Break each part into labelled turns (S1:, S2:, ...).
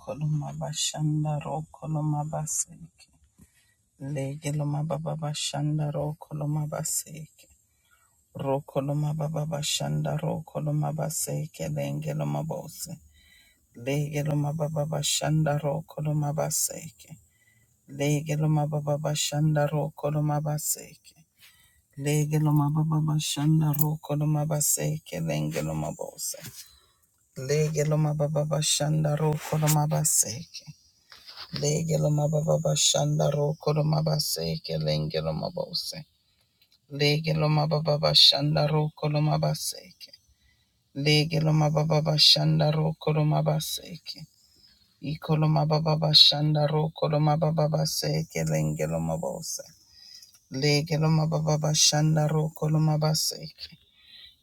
S1: Koloma bashanda ro koloma baseke. Lege loma baba bashanda ro koloma baseke. Ro koloma baba bashanda ro koloma baseke lenge loma bose. Lege loma baba bashanda ro koloma baseke. Lege loma baba bashanda ro koloma baseke. Lege loma baba bashanda ro koloma baseke lenge loma bose. Lege loma baba bashanda ro koloma baseke. Legelo mababa shanda ro koloma baseke lengelo mabose. Legelo mababa shanda ro koloma baseke. Legelo mababa shanda ro koloma baseke. Ikoloma baba shanda ro koloma baba baseke lengelo mabose. Legelo mababa shanda ro koloma baseke.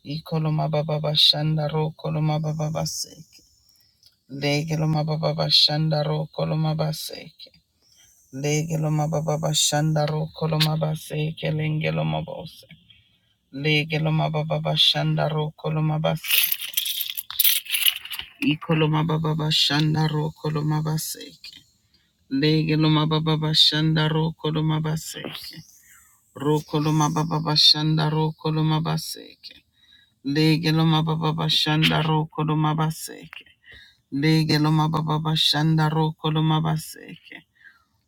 S1: Ikoloma baba shanda ro koloma baba baseke. Legelo mababa shanda ro koloma baseke. Legeloma baba bashanda ro koloma base kelengeloma bose. Legeloma baba bashanda ro koloma base. Ikoloma baba bashanda ro koloma base. Legeloma baba bashanda ro koloma base. Ro koloma baba bashanda ro koloma base. Legeloma baba bashanda ro koloma base. Legeloma baba bashanda ro koloma base.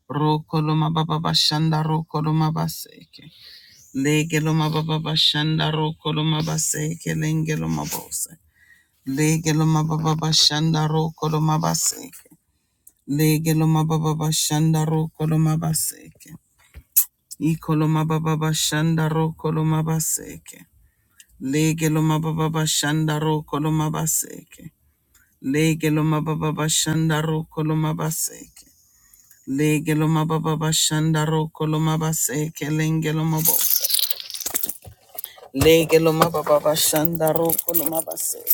S1: Ro koloma baba bashanda ro koloma base. Lege lo mababa bashanda roko lo mabaseke lenge mabose. Lege mababa bashanda roko lo mabaseke. Lege mababa bashanda roko lo mabaseke. Iko mababa bashanda roko lo mabaseke. Lege mababa bashanda roko lo mabaseke. Lege mababa bashanda roko lo mabaseke. Lege mababa bashanda roko lo mabaseke lenge mabose. Lege lo mababa bashanda roko lo mabase.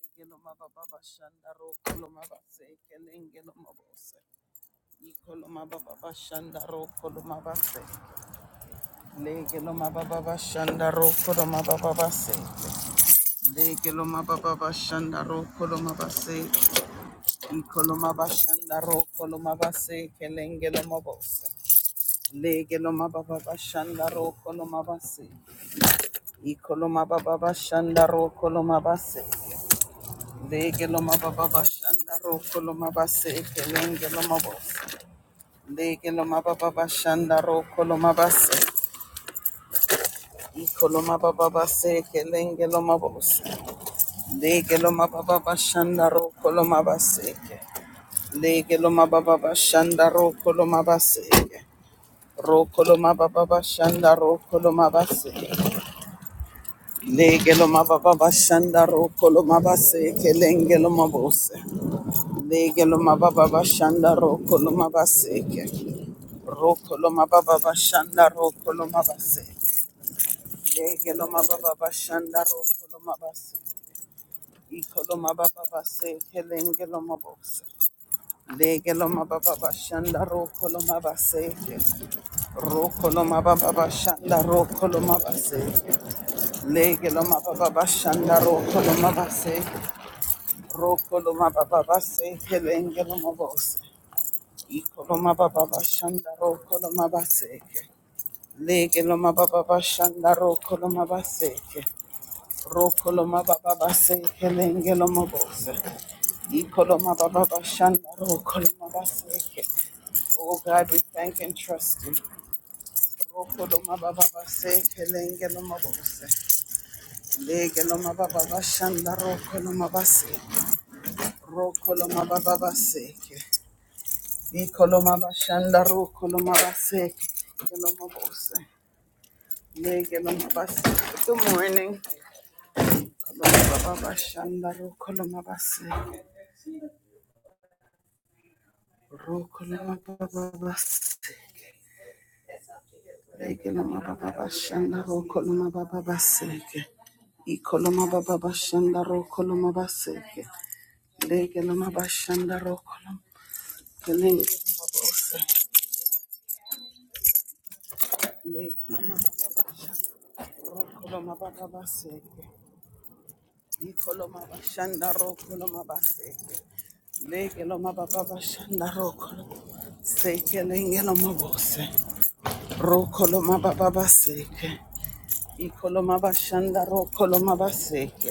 S1: Lege lo mababa bashanda roko lo mabase. Lege lo mabose. Iko lo mababa bashanda roko lo mabase. Lege lo mababa bashanda roko lo mababa base. Lege lo mababa bashanda roko lo mabase. Iko lo mabashanda roko lo mabase. Lege lo mabose. Lege lo mababa bashanda roko lo mabase. Iko lo mababa bashanda roko lo mabase. Lege lo mababa bashanda roko lo mabase ekelenge lo mabose. Lege lo mababa bashanda roko lo mabase. Iko lo mababa base ekelenge lo mabose. Lege lo mababa bashanda roko lo mabase. Lege lo mababa bashanda roko lo mabase. Roko lo mababa bashanda roko lo mabase. Lege lo mababa bashanda roko lo mabase ekelenge lo mabose. Legeloma baba bashanda rokoloma baseke. Rokoloma baba bashanda rokoloma base. Legeloma baba bashanda rokoloma base. Ikoloma baba baseke lengeloma bose. Legeloma baba bashanda rokoloma baseke. Rokoloma baba bashanda rokoloma base. Legeloma baba bashanda rokoloma base. Rokoloma baba baseke lengeloma bose. Ikoloma baba bashanda ro koloma baseke. Lege loma baba bashanda ro koloma baseke. Ro koloma baba baseke lenge loma bose. Ikoloma baba bashanda ro koloma baseke. Oh God, we thank and trust you. Ro koloma baba baseke lenge loma bose. Lege loma baba bashanda ro koloma baseke. Ro koloma baba baseke. Ikoloma bashanda ro koloma baseke. Lenge loma bose. Good morning. Kolomabababashandaro, kolomabase, ro, kolomabababase, Sekelenge lomabose. Rokoloma bababaseke. Ikoloma bashanda rokoloma baseke.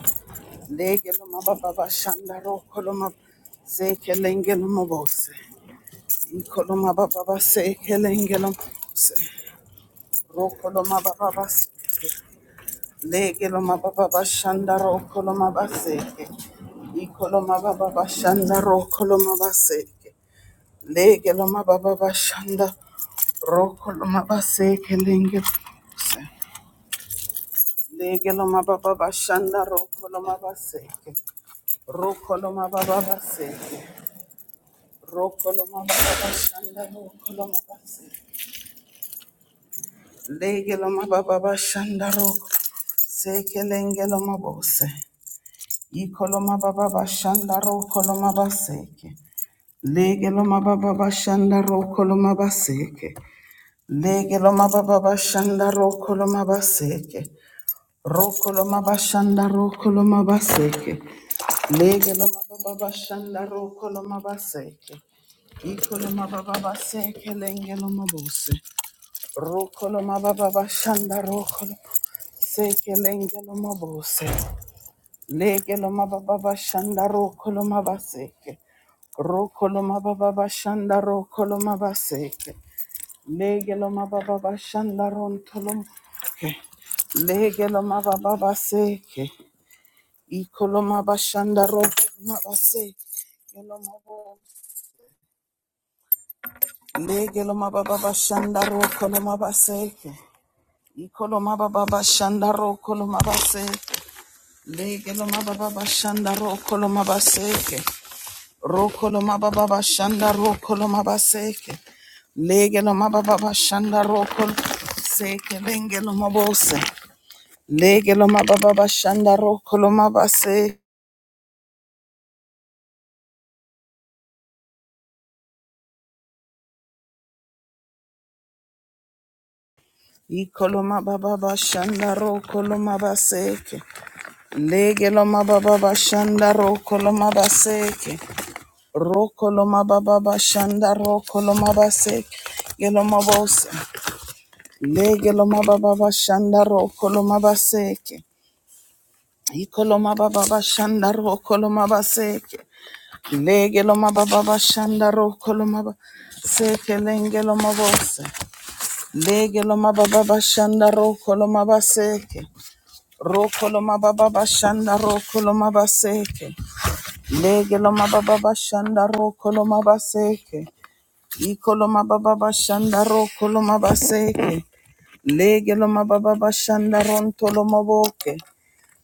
S1: Lege lomababashanda rokoloma sekelenge lomabose. Ikoloma bababaseke lenge lomabose. Rokoloma bababaseke. Lege lomababashanda rokoloma baseke. Ikoloma bababashanda rokoloma baseke. Lege lomababashanda Rokoloma baseke lenge bose. Legeloma baba bashanda rokoloma baseke. Rokoloma baba baseke. Rokoloma baba bashanda rokoloma baseke. Legeloma baba bashanda rok. Seke lengeloma bose. Ikoloma baba bashanda rokoloma baseke. Legeloma baba bashanda rokoloma baseke. Legeloma baba bashanda rokoloma baseke. Rokoloma bashanda rokoloma baseke. Legeloma baba bashanda rokoloma baseke. Ikoloma baba baseke lengeloma bose. Rokoloma baba bashanda rokoloma seke lengeloma bose. Legeloma baba bashanda rokoloma baseke. Rokoloma baba bashanda rokoloma baseke. Legeloma baba bashanda rontoloma. Legeloma baba baseke. Ikoloma bashanda ro koloma base. Koloma bo. Le koloma baba bashanda ro koloma base. Ikoloma baba bashanda ro koloma base. Le koloma baba bashanda ro koloma base. Ro koloma baba bashanda ro koloma base. Le koloma baba bashanda ro koloma base. Lenge lo mabose. Lege lo mababa bashanda ro koloma base. Ikoloma baba bashanda ro koloma baseke. Lege loma baba bashanda ro koloma baseke. Ro koloma baba bashanda ro koloma baseke. Geloma bosa. Lege loma baba bashanda ro koloma baseke. Ikoloma baba bashanda ro koloma baseke. Lege loma baba bashanda ro koloma baseke. Lenge loma bosa. Lege loma baba bashanda ro koloma baseke. Rokoloma baba bashanda rokoloma baseke. Legeloma baba bashanda rokoloma baseke. Ikoloma baba bashanda rokoloma baseke. Legeloma baba bashanda rontoloma boke.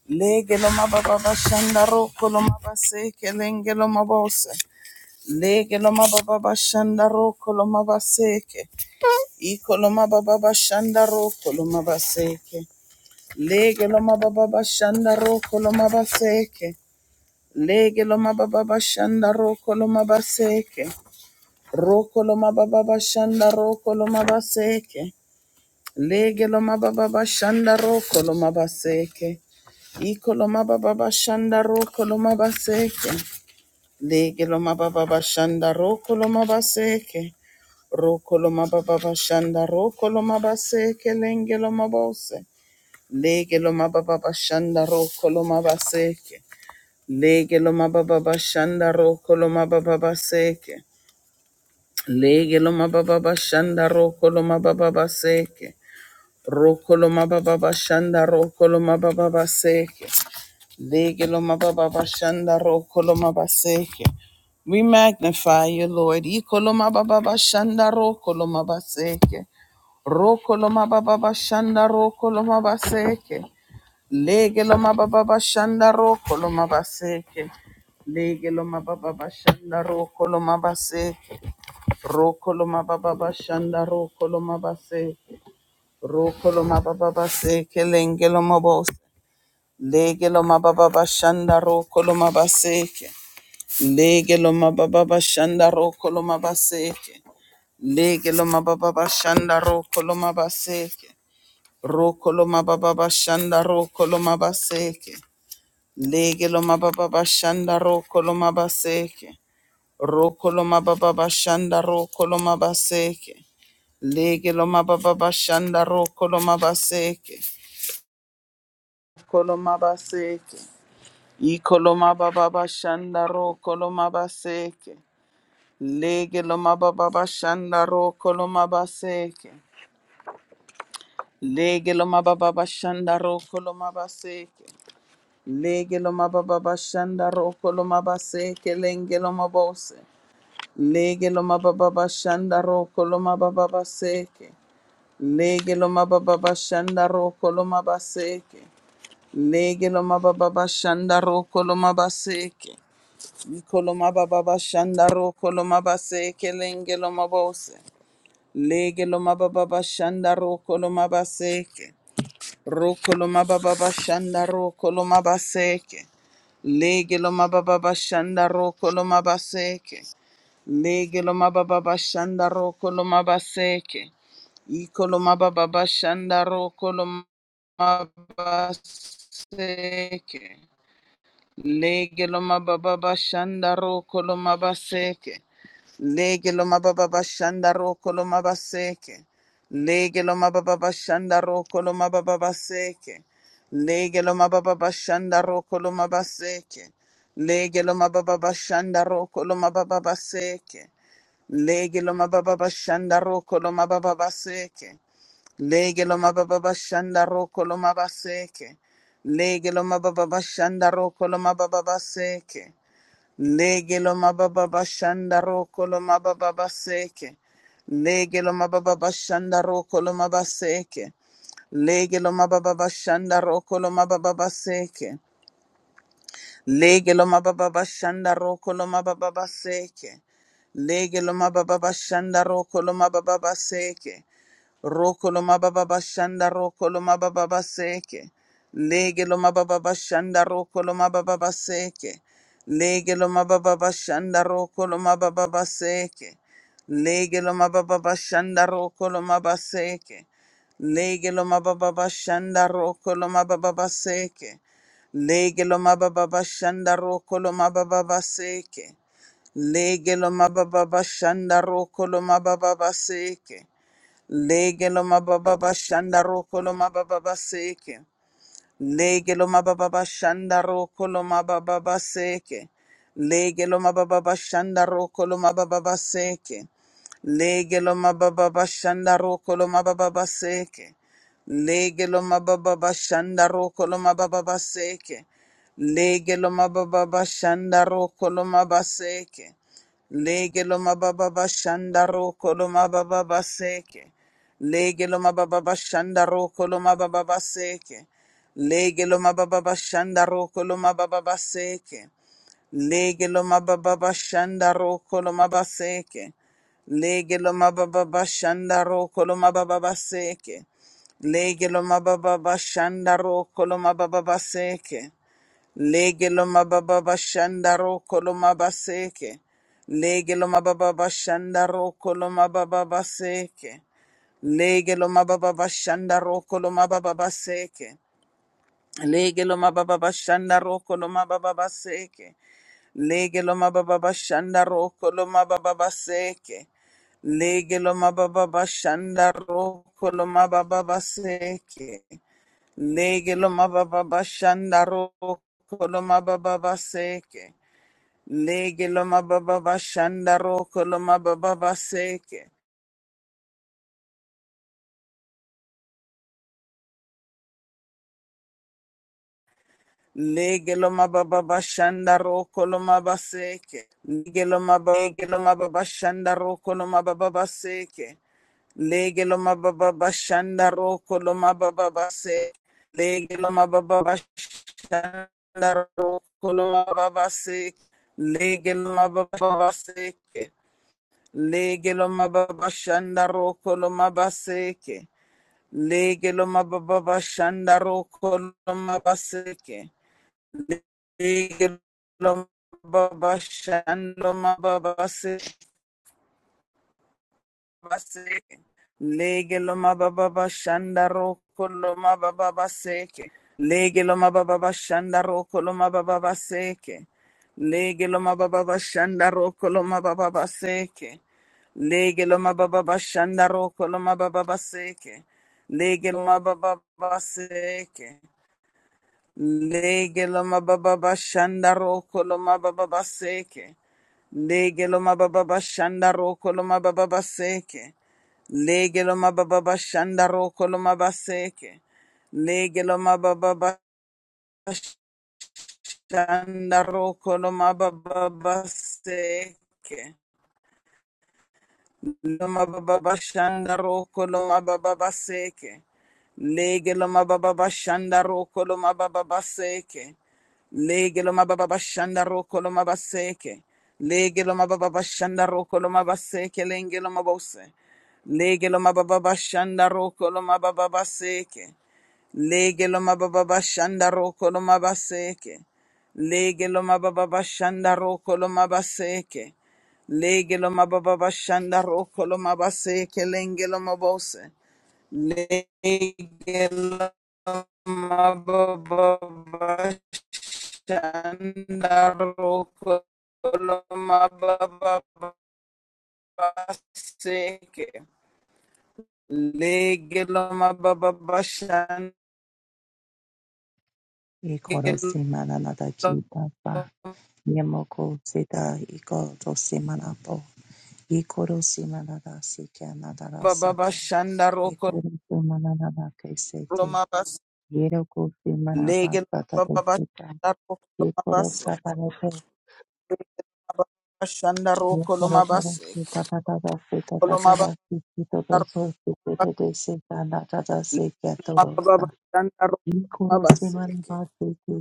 S1: Legeloma baba bashanda rokoloma baseke. Lengeloma bose. Legeloma baba bashanda rokoloma baseke. Ikoloma baba bashanda rokoloma baseke. Lege lo mababa bashanda roko lo mabaseke. Lege lo mababa bashanda roko lo mabaseke. Roko lo mababa bashanda roko lo mabaseke. Lege lo mababa bashanda roko lo mabaseke. Iko lo mababa bashanda roko lo mabaseke. Lege lo mababa bashanda roko lo mabaseke. Roko lo mababa bashanda roko lo mabaseke lenge lo mabose. Lege lo mababa bashanda ro kolo mabaseke. Lege lo mababa bashanda ro kolo mababa baseke. Lege lo mababa bashanda ro kolo mababa baseke. Ro kolo mababa bashanda ro kolo mababa baseke. Lege lo mababa bashanda ro kolo mabaseke. We magnify you, Lord. Ikoloma baba bashanda ro baseke. Rokoloma baba bashanda rokoloma baseke. Lege lo mababa bashanda roko lo mabaseke. Lege lo mababa bashanda roko lo mabaseke. Roko lo mababa bashanda roko lo mabaseke. Roko lo mababa baseke lenge lo mabose. Lege lo mababa bashanda roko lo mabaseke. Lege lo mababa bashanda roko lo mabaseke. Lege lo mababa bashanda roko lo mabaseke. Roko lo mababa bashanda roko lo mabaseke. Lege loma baba bashanda roko loma baseke. Roko loma baba bashanda roko loma baseke. Lege loma baba bashanda roko loma baseke. Koloma baseke. Iko loma baba bashanda roko loma baseke. Lege loma baba bashanda roko loma baseke. Lege loma baba bashanda roko loma baseke. Lege loma baba bashanda roko loma baseke lenge loma bose. Lege lo mababa bashanda roko loma baba baseke. Lege lo mababa bashanda roko loma baseke. Lege lo mababa bashanda roko loma baseke. Iko loma baba bashanda roko loma baseke lenge loma bose. Lege lo mababa bashanda roko loma baseke. Rokoloma baba bashanda rokoloma baseke. Legeloma baba bashanda rokoloma baseke. Legeloma baba bashanda rokoloma baseke. Ikoloma baba bashanda rokoloma baseke. Legeloma baba bashanda rokoloma baseke. Lege lo mababa bashanda roko lo mabaseke. Lege lo mababa bashanda roko lo mababa baseke. Lege lo mababa bashanda roko lo mabaseke. Lege lo mababa bashanda roko lo mababa baseke. Lege lo mababa bashanda roko lo mababa baseke. Lege lo mababa bashanda roko lo mabaseke. Lege lo mababa bashanda roko lo mababa baseke. Lege lo mababa bashanda roko lo mababa baseke. Lege lo mababa bashanda roko lo mabaseke. Lege lo mababa bashanda roko lo mababa baseke. Lege lo mababa bashanda roko lo mababa baseke. Lege lo mababa bashanda roko lo mababa baseke. Rokolo mababa bashanda rokolo mababa baseke. Lege lo mababa bashanda rokolo mababa baseke. Lege lo mababa bashanda rokolo mababa baseke. Lege lo mababa bashanda rokolo mababa seke. Lege lo mababa bashanda rokolo mababa baseke. Lege lo mababa bashanda rokolo mababa baseke. Lege lo mababa bashanda rokolo mababa baseke. Lege lo mababa bashanda roko lo mababa baseke. Lege lo mababa shanda roko lo mababa seke. Lege lo mababa shanda roko lo mababa seke. Lege lo mababa shanda roko lo mababa seke. Lege lo mababa shanda roko lo mababa seke. Lege lo mababa shanda roko lo mababa seke. Lege lo mababa shanda roko lo mababa seke. Lege lo mababa shanda roko lo mababa seke. Lege lo mababa shanda roko lo mababa seke. Lege lo mababa shanda roko lo mababa seke. Lege lo mababa shanda roko lo mababa seke. Lege lo mababa shanda roko lo mababa seke. Lege lo mababa shanda roko lo mababa seke. Lege lo mababa shanda roko lo mababa seke. Lege lo mababa shanda roko lo mababa seke. Lege lo mababa bashanda roko lo mababa baseke. Lege lo mababa bashanda roko lo mababa baseke. Lege lo mababa bashanda roko lo mababa baseke. Lege lo mababa bashanda roko lo mababa baseke. Lege lo mababa bashanda roko lo mababa baseke. Legelo mababa bashanda roko lo mabaseke. Legelo mababa bashanda roko lo mababa baseke. Legelo mababa bashanda roko lo mababa baseke. Legelo mababa bashanda roko lo mababa baseke. Legelo mababa baseke. Legelo mababa bashanda roko lo mabaseke. Legelo mababa bashanda roko lo mabaseke. Legelo mababa shando mababa se base. Legelo mababa shanda roko lo mababa seke. Legelo mababa shanda roko lo mababa seke. Legelo mababa shanda roko lo mababa seke. Legelo mababa shanda roko lo mababa seke. Legelo mababa seke. Legelo mababa shanda roko lo mababa seke. Lege lo mababa bashanda roko lo mababa baseke. Lege lo mababa bashanda roko lo mabaseke. Lege lo mababa bashanda roko lo mababa baseke. Lo mababa bashanda roko lo mababa baseke. Lege lo mababa bashanda roko lo mababa baseke. Lege lo mababa bashanda roko lo mabaseke. Lege lo mababa bashanda roko lo mabaseke lenge lo mabose. Lege lo mababa bashanda roko lo mababa baseke. Lege lo mababa bashanda roko lo mabaseke. Lege lo mababa bashanda roko lo mabaseke. Lege lo mababa bashanda roko lo mabaseke lenge lo mabose. Legelo
S2: Ikoro semana nada kita pa. Yemoko zeta ikoro semana po. Ikoro semana da sika nada da sata. Ikoro semana nada kesete. Yeroko semana pa sata da sita. Ikoro sata da te. Yekoro toro sita tata da sita tata da sita do so sita de de sita nada da sika toro sa. Ikoro semana
S1: babaseke
S2: pa sita.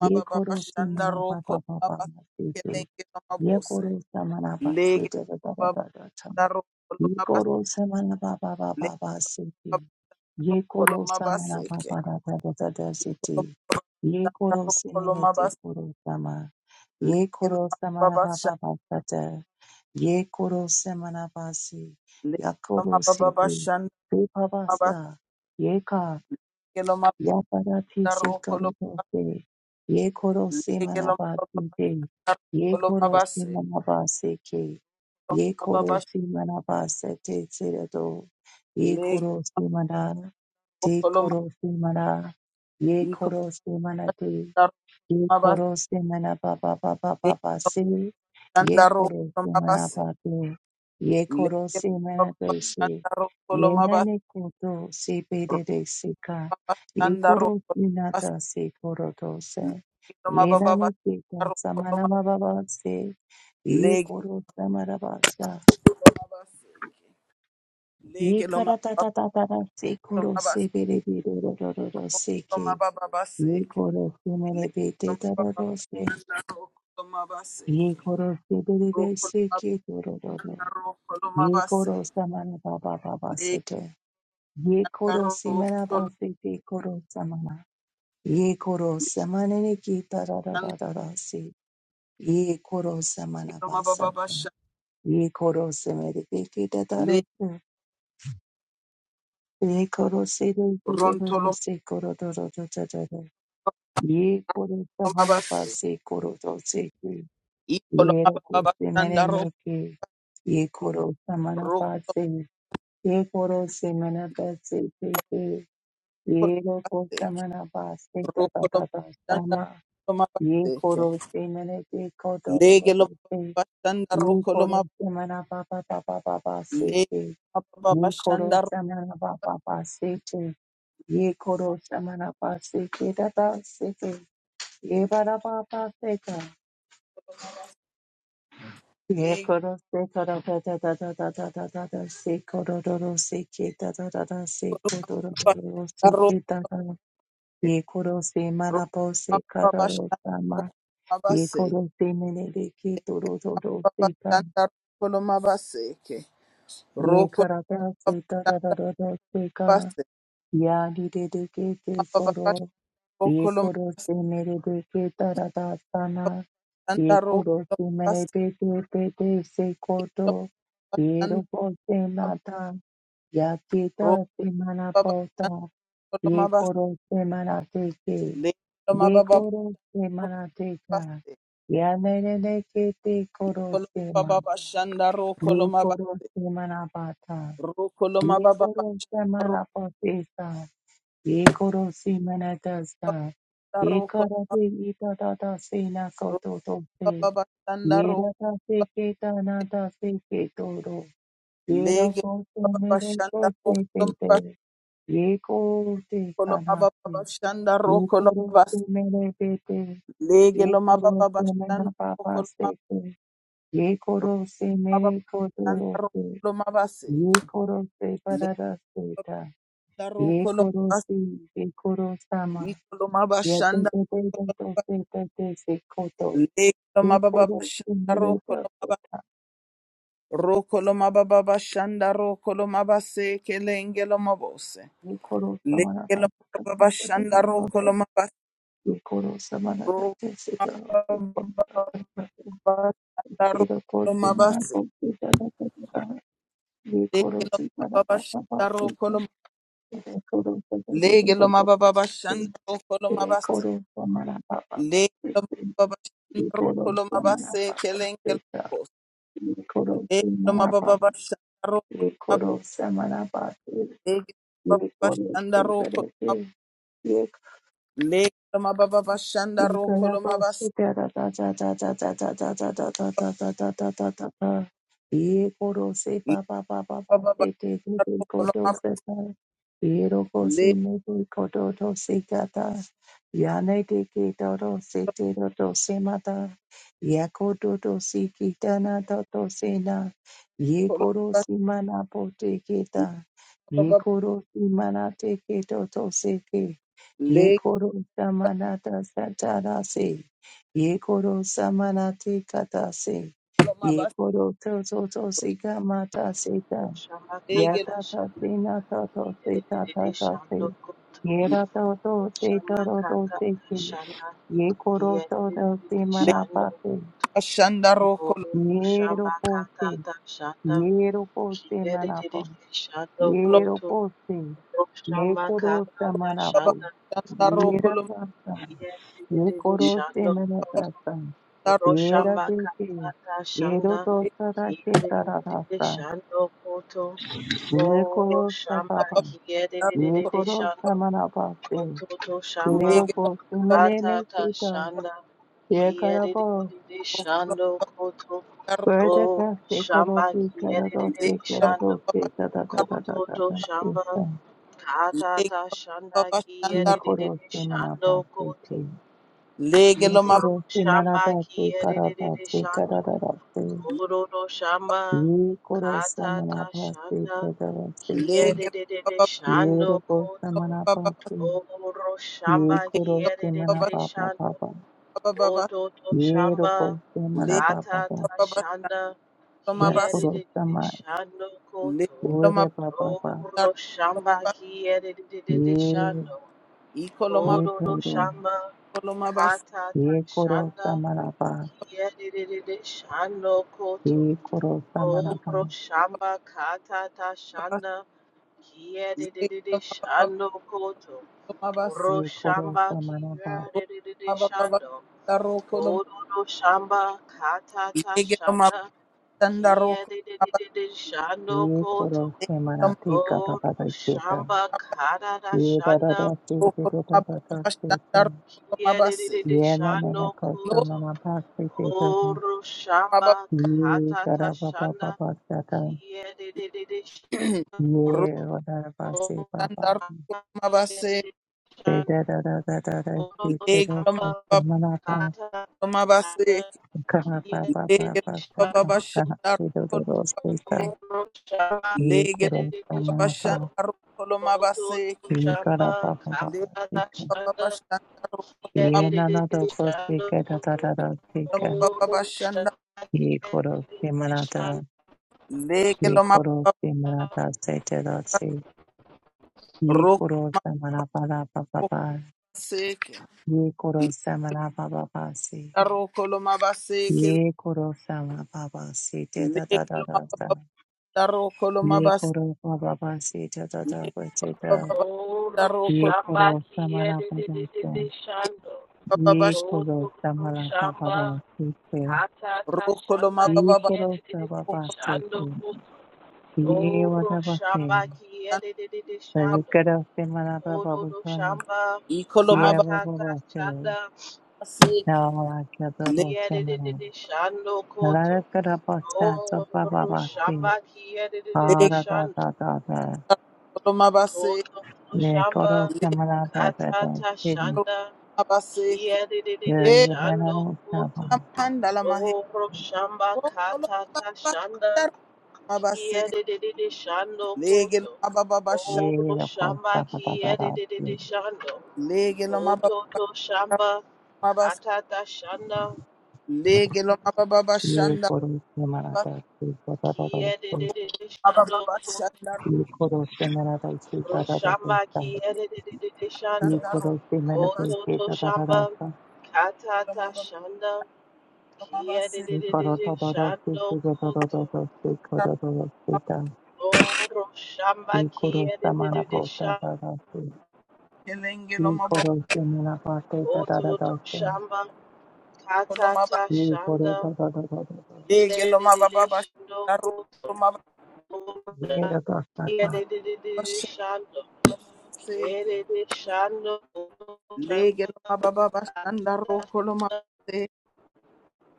S1: baba bashanda
S2: semana pa pa
S1: roko
S2: pa pa pa
S1: babaseke
S2: sita.
S1: lenge
S2: Ye
S1: mabose
S2: koro samana ba se
S1: lege
S2: te ba ba
S1: baba
S2: ba ba ta.
S1: roko
S2: Ye
S1: mabase
S2: koro samana ba ba ba ba
S1: lege
S2: ba se te.
S1: baba
S2: Ye
S1: roko
S2: koro samana ba
S1: mabaseke
S2: ba da da da da da se te. Ye
S1: baba
S2: koro
S1: roko
S2: semene te
S1: mabase
S2: koro sama. Ye
S1: lege
S2: koro
S1: baba
S2: samana ba ba
S1: bashanda
S2: ba ta ta. Ye koro samana ba se. Ya
S1: lege
S2: koro
S1: baba
S2: se te.
S1: bashanda
S2: Te pa ba
S1: mabase
S2: sa. Ye ka.
S1: lege baba
S2: Yaparati
S1: roko
S2: Korose, Ye Korose
S1: lege baba
S2: Manabate, Ye
S1: roko
S2: Korose
S1: mabase
S2: Manabaseke, Ye
S1: baba bashanda
S2: Korose Manabasete Seredo, Ye
S1: lege
S2: Korose Mana, Te
S1: roko mabase
S2: Korose Mana, Ye
S1: iko
S2: Korose Manate, Ye
S1: babanda roko mabase
S2: koro se mana ba ba ba ba ba
S1: lege
S2: ba se. Ye
S1: baba
S2: koro
S1: roko
S2: se mana
S1: mabase
S2: ba de. Ye koro
S1: Leke
S2: se mana de se.
S1: babababashandaro
S2: Ye na
S1: kolomabas-
S2: ne koto se pe de de se ka. Ye
S1: robabashandaro
S2: koro
S1: kolomabas.
S2: minata se koro to se.
S1: Leke
S2: Ye na ne kita
S1: lomabababashandaro
S2: sa mana
S1: koloma-
S2: ba ba ba se. Ye
S1: Lege
S2: koro sa mana ba sa.
S1: lomabaseke.
S2: Ye
S1: Lege
S2: kara ta ta ta ta ta se koro se
S1: lomabababas.
S2: pe de de do do do do do se ke. Ye
S1: Rokolomabababaseke.
S2: koro se mana
S1: Lege
S2: pe te ta do do
S1: lomabababashandaro
S2: se. ye
S1: kolomabaseke.
S2: koro se bebe se
S1: Rokolomabandaro
S2: ke koro dono. Ye koro
S1: kolomabaseke.
S2: samana baba baba
S1: Lege
S2: sete. Ye koro
S1: andaro
S2: simana ba
S1: kol-
S2: sete koro samana. Ye koro
S1: lege
S2: samana ne ki
S1: andaro
S2: tarararara se. Ye koro samana ba sete.
S1: kolomabababasha-
S2: Ye koro semere te ki tataro
S1: le-
S2: se. Ye koro se de ki dororo
S1: rontolomabababase.
S2: se koro dororo tataro. Ye koro samana ba se koro do se. Yero kose mere
S1: Ikolomabababashandaro
S2: neke, ye koro samana pase, ye koro se mana pase teke, yero kose
S1: Roko
S2: samana pase te
S1: lo
S2: tata
S1: mabastanda
S2: sama,
S1: lo
S2: ye
S1: mabasteke.
S2: koro se mere te koto
S1: Lege lo
S2: roro se.
S1: mabastanda
S2: ye
S1: roko lo
S2: koro
S1: mab
S2: se mana papa papa papa se
S1: lege
S2: te, ye koro
S1: mabastanda roko
S2: samana papa pase te, ye koro samana pase te tata se te, ye para papa se
S1: lo mabasteke.
S2: Ye
S1: Lege
S2: koro se koro da da da da da da da da da se koro do do se ke da da da da se
S1: lo
S2: koro do do do
S1: mabastanda
S2: se ke
S1: roko
S2: da da da ye koro se mana
S1: roko
S2: po se koro do
S1: mabastanda
S2: sama
S1: roko
S2: ye
S1: mabasteke.
S2: koro se mene de ke do do do do se ka
S1: Mabastanda roko lo mabasteke.
S2: ye
S1: Roko lo
S2: koro da se da da da
S1: mabastanda
S2: da da se ka
S1: mabasteke.
S2: ya di de de ke se koro
S1: Mabastanda
S2: ye
S1: roko lo
S2: koro se mere deke ke sana
S1: mabastanda
S2: ye
S1: roko
S2: koro
S1: lo
S2: se mere
S1: mabasteke.
S2: de te se koto ye
S1: Mabastanda
S2: robo se nata ya ke
S1: roko
S2: se mana pota ye
S1: mabastanda
S2: koro se mana te ke
S1: Loma
S2: ye
S1: baba
S2: koro se mana te
S1: baste,
S2: ya mere de ke te koro
S1: koloma
S2: se ma
S1: baba bashanda ro
S2: ye
S1: koloma
S2: koro
S1: baste,
S2: se mana pata
S1: ro koloma
S2: ye
S1: baba
S2: koro se
S1: bashanda ro
S2: mana potesa Yekoro simena dasta.
S1: baba ro
S2: Yekara
S1: koloma
S2: de ita da da sena
S1: ro
S2: koto to
S1: baba
S2: se.
S1: bashanda ro
S2: Yera da se ke ta na da se ke toro. Yera
S1: lege
S2: ko se
S1: baba
S2: mere ko
S1: bashanda ro
S2: se te
S1: koloma
S2: te.
S1: baste,
S2: Yeko te
S1: koloma
S2: kana
S1: baba
S2: se.
S1: bashanda ro koloma
S2: Yekoro se
S1: baste,
S2: mere te te.
S1: lege loma
S2: Yekoro
S1: baba
S2: se
S1: bashanda
S2: mena
S1: ro
S2: papa
S1: koloma
S2: se te.
S1: ro
S2: Yekoro se
S1: baba
S2: mere ko
S1: bashanda
S2: toro
S1: ro
S2: se.
S1: koloma baste,
S2: Yekoro se
S1: lege
S2: parada se
S1: baba bashanda ro koloma
S2: Yekoro
S1: baste,
S2: se. Yekoro sama.
S1: i koloma
S2: Ya te
S1: bashanda
S2: te te te te te te te se koto.
S1: lege loma
S2: Ye
S1: baba
S2: koro
S1: bashanda ro
S2: sumere te
S1: koloma
S2: kota.
S1: Rokolo mababa shanda rokolo mabase kelengelo mabose.
S2: Ye koro samana ta
S1: Lengelo
S2: kanda
S1: mababa
S2: te te te
S1: shanda
S2: koto.
S1: rokolo mabase.
S2: Ye koro samana te
S1: Rokolo
S2: te se te te
S1: mababa
S2: koto.
S1: shanda
S2: Ye ro
S1: rokolo
S2: koti mana
S1: mabase.
S2: koti te te te te ta. Ye koro
S1: Lengelo
S2: si mana
S1: mababa
S2: pa pa pa
S1: shanda
S2: te te.
S1: rokolo
S2: Ye koro te te te te
S1: Legelo mababa
S2: te
S1: shanda
S2: te.
S1: rokolo
S2: Ye
S1: mabase.
S2: koro samana pa pa pa te
S1: Legelo
S2: te.
S1: mababa shanda
S2: Ye koro
S1: rokolo
S2: samana
S1: mabase
S2: pa pa
S1: kelengelo
S2: te
S1: mabose. Legelo
S2: te.
S1: mababa shanda
S2: ye
S1: rokolo mabase.
S2: koro samana pati,
S1: Legelo
S2: ye
S1: mababa
S2: koro
S1: shanda rokolo
S2: sevarete,
S1: mabase.
S2: ye
S1: Legelo mababa shanda
S2: Ye
S1: rokolo
S2: koro
S1: mabase.
S2: si
S1: Legelo
S2: mana te ke to to se ke Ye koro samanata satarase. Ye koro samanate katase. Ye koro toto to sika mata seta.
S3: Oshama Kanada
S2: Yata ta
S3: Shana
S2: sina toto seta
S3: Yedididi
S2: tata se.
S3: Shando Koto
S2: Ye rato to se
S3: Oshama
S2: toro to
S3: Kanada
S2: se se.
S3: Shana
S2: Ye koro to to se
S3: Yedididi Shando
S2: manapate.
S3: Koto
S2: Ye
S3: Oshama
S2: ropo se.
S3: Kanada Shana
S2: Ye ropo se
S3: Yedididi
S2: manapo.
S3: Shando
S2: Ye
S3: Koto
S2: ropo se. Ye
S3: Oshama
S2: koro
S3: Kanada
S2: samanapo.
S3: Shana
S2: Ye rata. ये
S3: Yedididi
S2: करो से
S3: Shando
S2: मेरे
S3: Koto
S2: दाता ये
S3: Oshama
S2: रते के
S3: Kanada
S2: ये रो
S3: Shana
S2: तो सदा के तारा
S3: Yedididi
S2: रास्ता
S3: Shando Koto
S2: ये करो
S3: Oro
S2: सदा
S3: Shama
S2: ये
S3: Yedididi
S2: करो
S3: Shando
S2: समना पासे
S3: Toto
S2: ये
S3: shamba
S2: रो को सुमने ने
S3: atata
S2: सीता
S3: shanda
S2: ये
S3: kiyerere
S2: करबो
S3: shando koto
S2: Further
S3: o
S2: than
S3: shamba
S2: Sekorosi,
S3: kiyerere
S2: Karadosi,
S3: shando
S2: Karadosi, da da da da da da
S3: koto
S2: da
S3: shamba
S2: da.
S3: katata shanda
S2: Ye
S3: kiyerere
S2: korosi
S3: shando
S2: manapasti
S3: koto
S2: te. Ye korosi
S3: shamba
S2: manadasi,
S3: kiyerere shando
S2: karadasi,
S3: kororo shamba
S2: Ye koro
S3: katata
S2: samana pasi
S3: shanda
S2: kadara seke.
S3: kiyerere
S2: Ye
S3: shando
S2: roko
S3: koto
S2: samana pasi.
S3: Oro shamba
S2: Ye koro samana
S3: yedede
S2: papa
S3: shando
S2: papa.
S3: koto to
S2: Ye
S3: shamba
S2: roko samana papa
S3: kata
S2: papa.
S3: ta shanda
S2: Ye koro
S3: yedede
S2: sama
S3: shando koto
S2: ure papa papa.
S3: oro shamba yedede
S2: Ye
S3: shando
S1: Ikoloma
S2: ye
S3: koto to
S2: toro.
S3: shamba
S1: koloma bas
S3: kata ta
S2: Ye koro
S3: shanda
S2: samana pa.
S3: yedede shando koto
S2: Ye koro samana pa.
S3: oro shamba kata ta
S1: bas
S3: shanda yedede shando koto
S1: koloma bas
S2: Ye koro
S3: Roshamba
S2: samana pa.
S1: koloma
S3: Kiradede
S1: bas
S3: Shando
S1: daro koloma
S3: Kororo Shamba Katata
S1: lege koloma
S3: Shanda
S1: daro koloma bas
S3: Kiadede Shando
S2: Ye
S3: Koto
S2: koro samana te kata kata
S3: Oro
S2: keta.
S3: Shamba Karada
S2: Ye da da
S3: Shanda
S2: da te te da
S1: koloma
S2: da
S1: bas
S2: da
S1: koloma
S2: da
S1: bas daro koloma bas
S3: Kiadede
S2: Yana nana
S3: Shando
S1: lo
S2: kosa
S3: Koto
S2: mana pasi te tobo.
S3: Oro
S1: baba
S3: Shamba
S2: Ye
S3: Katata
S2: kara papa
S3: Shanda
S2: papa sata.
S3: Kiadede Shando
S1: ro
S2: Ye wadara
S3: Koto
S2: pasi papa.
S1: daro koloma bas
S2: Te da da da da da da si
S3: Oro
S1: lege
S2: kero
S3: Shamba
S1: koloma
S2: kosa mana pa.
S3: Kata
S1: koloma bas
S3: Shanda
S2: Kara papa
S3: Kiedit
S1: lege
S2: papa
S1: koloma
S2: saka.
S3: Shama
S1: bas
S2: Saka
S3: Koto
S1: daro
S2: te do do do
S1: koloma
S2: sita.
S1: bas
S3: Shama
S2: Ye
S1: lege
S2: koro kosa
S3: Kiedit
S1: koloma
S2: mana
S1: bas
S2: pa.
S1: daro koloma
S3: Koto
S2: Ye
S1: bas
S2: kara
S3: Shamba
S2: papa papa
S3: Kata
S2: sita.
S3: Shanda
S2: Ye nana do
S3: Kiedit
S2: kosi
S3: Shanda
S2: ke da da
S3: Koto
S2: da da si ke.
S3: Shama
S2: Ye koro si
S3: Kiedit
S2: mana ta.
S3: Shanda
S1: Leke lo
S2: Ye
S1: loma
S2: koro si mana ta se te do si. Ye
S1: roko
S2: koro samana pada papa pa.
S1: baseke,
S2: Ye koro samana papa pa si.
S1: daroko loma baseke,
S2: Ye koro sama papa si te da
S1: leke
S2: da da
S1: loma
S2: da da.
S1: daroko loma
S2: Ye
S1: bas,
S2: koro papa pa si te da
S1: leke
S2: da pa te da.
S1: baba
S3: Koto
S1: daroko
S2: Ye
S3: Shamba
S2: koro samana papa pa.
S3: Kiedit Shanda
S1: baba
S2: Ye
S1: bash,
S3: Koto
S2: koro samana papa
S3: Shamba
S2: pa si te.
S3: Kata
S1: roko loma
S3: Shanda
S1: baba
S2: Ye koro
S3: Kiedit
S2: sama
S1: bashan,
S2: pa si
S3: Shanda
S2: te.
S3: Koto
S2: Ye
S3: Oro
S2: wada pa si.
S3: shamba kiyedede
S2: Ye
S3: shando.
S2: koro samana papa
S3: Oro
S2: pa
S3: ro
S2: si.
S3: shamba
S1: iko loma
S2: Ye wada
S3: hatata
S2: pa si.
S3: shanda
S1: baseke,
S2: Na wala kya
S1: leke
S2: do
S3: kiyedede shando koto. Oro
S2: Larakatabashabababasi.
S3: shamba kiyedede shando
S2: Aradadadada.
S1: loma baseke,
S3: koto. ro
S2: ye koro
S3: Shamba
S1: leke
S2: semana bebebe.
S3: katata
S2: Sin.
S1: loma
S3: shanda
S1: baseke,
S2: ye
S3: kiyedede
S1: e
S3: shando
S2: Larakatabashatababasi. Haradadadada. Yekorosemanabebebe. Siri. Yeyemenarosaba.
S3: koto.
S1: amanda la mahe,
S3: Oro shamba
S1: roko loma
S3: katata
S1: baba
S3: shanda
S1: daroko loma baseke,
S3: kiyedede shando
S1: leke
S3: koto.
S1: loma
S3: Oro shamba kiyedede
S2: Yeyerakosabadadadasi.
S3: shando.
S1: Lege lo mababa
S3: Kototo shamba
S1: mabas.
S3: katata shanda
S1: Lege lo mababa shanda mabas.
S2: Yekorosemanadasi. Dadadadasi.
S3: kiedede shando
S1: Mababa
S3: ko
S1: shanda
S2: Yekorosemanadasi.
S3: roshamba
S2: Dadadadasa.
S3: kiedede shando
S1: shanda robas.
S2: Yekorosemanadasi.
S3: kototo shamba
S2: Dadadadasa.
S1: Lo
S3: katata
S1: mababa
S3: shanda
S1: mabas.
S3: kiedede
S2: Yekorotodorosi.
S3: shando koto
S2: Dadadadadasi. Korodorosita.
S3: oro shamba kiedede shando
S2: Yekorosemanabotadadasi.
S1: Kelenge lo
S2: Ye
S1: mababa
S2: koro se mera bate da da da
S3: kototo
S2: da se.
S3: shamba
S1: lo mababa.
S3: katata
S2: Ye koro
S3: shanda
S2: da da da da da da.
S1: Lege lo
S3: kiedede
S1: mababa
S3: shando
S1: shanda robas.
S3: koto
S1: Lo mababa
S3: oro
S2: Ye da
S3: shamba
S2: da da
S1: lo
S2: da.
S1: mababa
S3: kiedede
S1: shanda
S3: shando
S1: seke.
S3: Kerede shando koto
S1: Lege lo mababa shanda roko lo
S3: shamba
S1: mabase.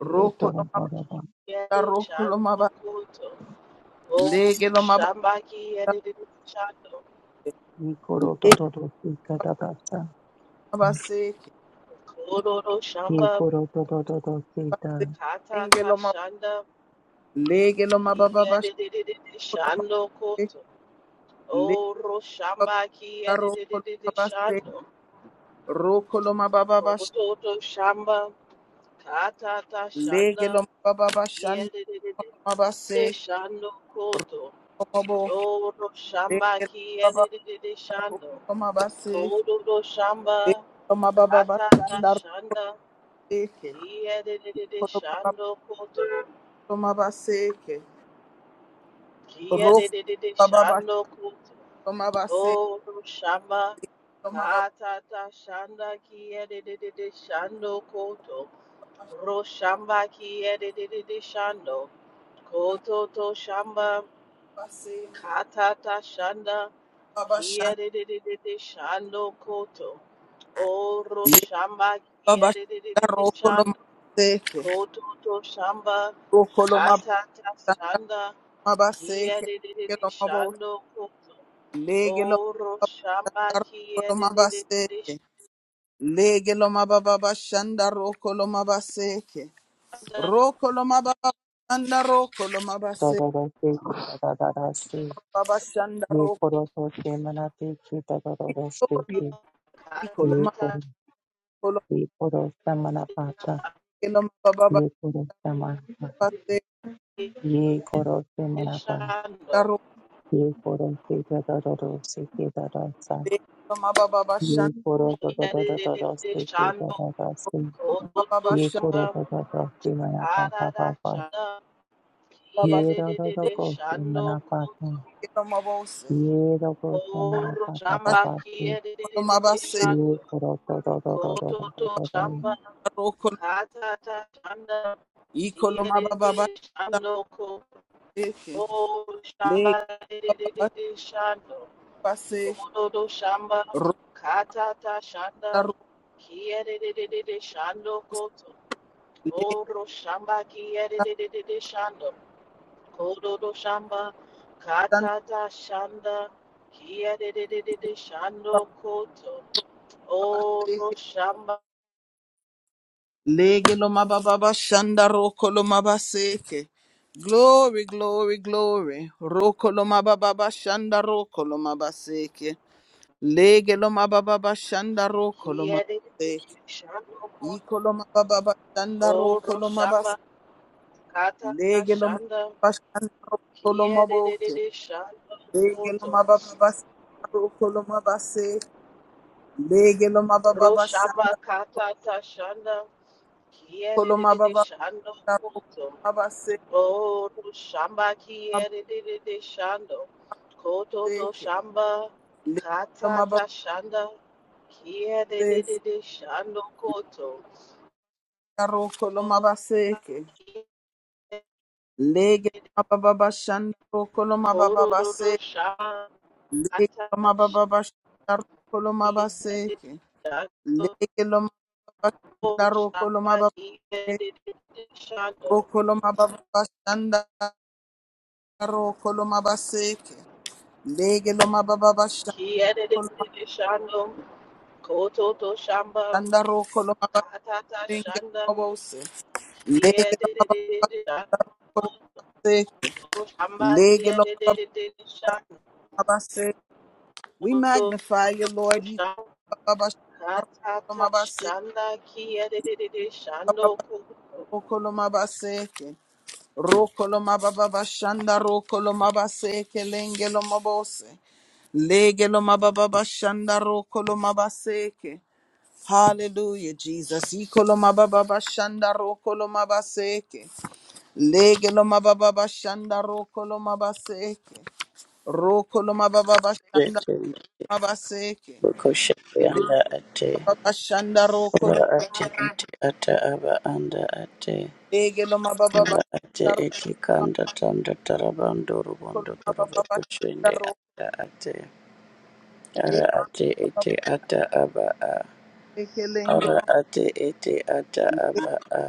S2: Ye da da
S1: lo
S2: da
S1: mababa
S2: da da.
S3: kiyede
S1: roko lo
S3: shando
S1: mababa.
S3: koto. Oh,
S1: Lege lo mababa.
S3: shamba kiyede shando.
S2: Ye koro
S1: Lege lo
S2: da da da se da da da da.
S1: mabase.
S3: Kororo
S2: Ye
S3: shamba
S2: koro da da da da se da
S3: kata
S1: Lege
S3: ta
S1: lo mababa.
S3: shanda
S1: Lege lo mababa.
S3: kiyede
S1: shanda
S3: shando koto. Oh, ro shamba
S1: Lebabarokolomabase,
S3: kiyede shando.
S1: rokolomabababasha,
S3: Koto to shamba kata ta shanda
S1: legelomabababashanda,
S3: kiyede
S1: kolomabase,
S3: shando koto.
S1: komobo,
S3: Toro shamba kiyerere shando.
S1: legelomabababashe,
S3: Kodoro shamba katata
S1: legelomabababashanda,
S3: shanda.
S1: reke,
S3: ki Kiyerere shando koto.
S1: kolomabababaseke,
S3: ki Kiyerere
S1: rokolomabababashe,
S3: shando koto. Toro shamba katata shanda. ki Kiyerere shando koto. Ro shamba kiyerere shando. Koto to shamba
S1: kolomabababaseke,
S3: katata shanda. ki
S1: babashanda,
S3: Kiyerere shando koto. Oro shamba
S1: lebabashanda,
S3: kieredededechan,
S1: rokolomabaseke,
S3: kototo shamba katata
S1: rokolomabaseke,
S3: shanda kiedededechando koto.
S1: Legelo
S3: Oro shamba
S1: mababa mabaseke.
S3: kiedededechanda
S1: Legelo mababa shandaro, rokolo mabaseke. Rokolo mababa shanda rokolo
S2: da
S3: koto.
S2: da da se da da da da se.
S1: Baba shanda
S2: Ye
S1: rokolo
S2: koro to se mera te se da da da da se se.
S1: ikolo
S2: Ye
S3: Katata
S2: koro
S1: makolo
S2: ye koro se mera bata.
S1: legelo mababa
S2: Ye koro se mera pa.
S1: baseke.
S2: ye koro se mera ba.
S3: kiedededechando
S1: Rokolo
S2: Ye koro se da da da da se da da da.
S1: mababa
S2: ये
S1: shandaro,
S2: कोरो तो तो तो तो तो दोस्ती की तो
S3: kiedededechando
S2: तो दोस्ती
S1: baba
S3: kototo
S2: ये
S1: bashanda
S2: कोरो
S3: shamba
S2: तो तो दोस्ती मना पापा
S3: katata
S2: पापा
S3: shanda
S1: baba
S2: ये रो तो तो कोस्ती
S3: kiedededechando
S2: मना
S3: koto.
S2: पाता
S1: mabose.
S2: ये रो कोस्ती मना
S3: Oro
S2: पापा
S3: shamba
S2: पापा से
S3: kia de de
S1: Bashanda
S3: de de de
S1: mabaseke
S2: ये
S3: shando.
S2: कोरो तो तो तो तो तो
S3: Koto
S2: तो
S3: to
S2: तो तो
S3: shamba
S2: तो
S1: rokolo
S3: kata ta shanda.
S1: ikolo
S3: Kia de de
S1: mababa
S3: de
S1: bashanda
S3: shando ko.
S1: baseke.
S3: O
S1: Legelo
S3: shamba de de de
S1: mababa
S3: de shando.
S1: baseke.
S3: Koto to shamba kata ta shanda.
S1: Rokolo
S3: Kia de de de de shando koto. Oro shamba kia de de de de de shando. Koto to shamba kata ta shanda. Kia de de de de de shando koto. O Roshamba,
S1: Lege lo mababa shanda roko lo mabaseke. Glory, glory, glory. Roko lo mababa shanda roko lo mabaseke. Lege lo mababa shanda roko lo
S3: Kiede,
S1: mabaseke.
S3: Shando,
S1: Iko lo mababa shanda
S3: Oh,
S1: roko lo
S3: Roshamba,
S1: mabaseke.
S3: Kata,
S1: Lege lo
S3: Shanda,
S1: mababa shanda roko lo
S3: Kiede,
S1: maboke.
S3: Shando,
S1: Lege lo
S3: Koto,
S1: mababa shanda roko lo mabaseke. Lege lo mababa shanda
S3: Roshamba,
S1: roko
S3: Kata, Shanda, Kiede,
S1: lo mababa
S3: Shando,
S1: shanda roko lo
S3: Koto, Oh, Roshamba,
S1: mabaseke.
S3: Kiede, Shando, Koto, to Shamba,
S1: Lege
S3: Kata,
S1: mababa
S3: Shanda, Kiede,
S1: shandaro
S3: Shando, Koto,
S1: koloma baba se lege mababa shandaro koloma baseke
S3: Kororo sham
S1: lege
S3: atashi dago
S1: lo mababa shandaro koloma babase
S3: shabaki edited shando
S1: rokolo mababa shandaro koloma baseke lege lo mababa
S3: ki edited
S1: shandaro
S3: shando koto to shamba
S1: koloma
S3: katata
S1: basenge
S3: shanda
S1: mabose
S3: ki
S1: lege lo
S3: edited shando
S1: koloma baseke
S3: shamba ki
S1: lege lo
S3: edited shando
S1: mababa We
S3: koto
S1: magnify you,
S3: to
S1: Lord.
S3: katata
S1: Ikolomabashe-
S3: shanda ki edited shando
S1: Rokolomabaseke. Rokolomabababashanda, rokolomabaseke, lengelomabose. Legelomabababashanda, rokolomabaseke. Hallelujah, Jesus. Ikolomabababashanda, rokolomabaseke. Legelomabababashanda, rokolomabaseke. Rokolomabababashanda,
S4: Yete
S1: mabaseke.
S4: Bukoshete anda ate ora ate ete ata aba anda ate
S1: Egelo mababa
S4: ora ate
S1: basharo
S4: ete kanda tanda tarabando
S1: makolo
S4: rubondo torobo
S1: mababa
S4: kuchende
S1: basharo
S4: anda ate ara ate ete ata aba a
S1: ekelenge
S4: ora ate ete ata aba a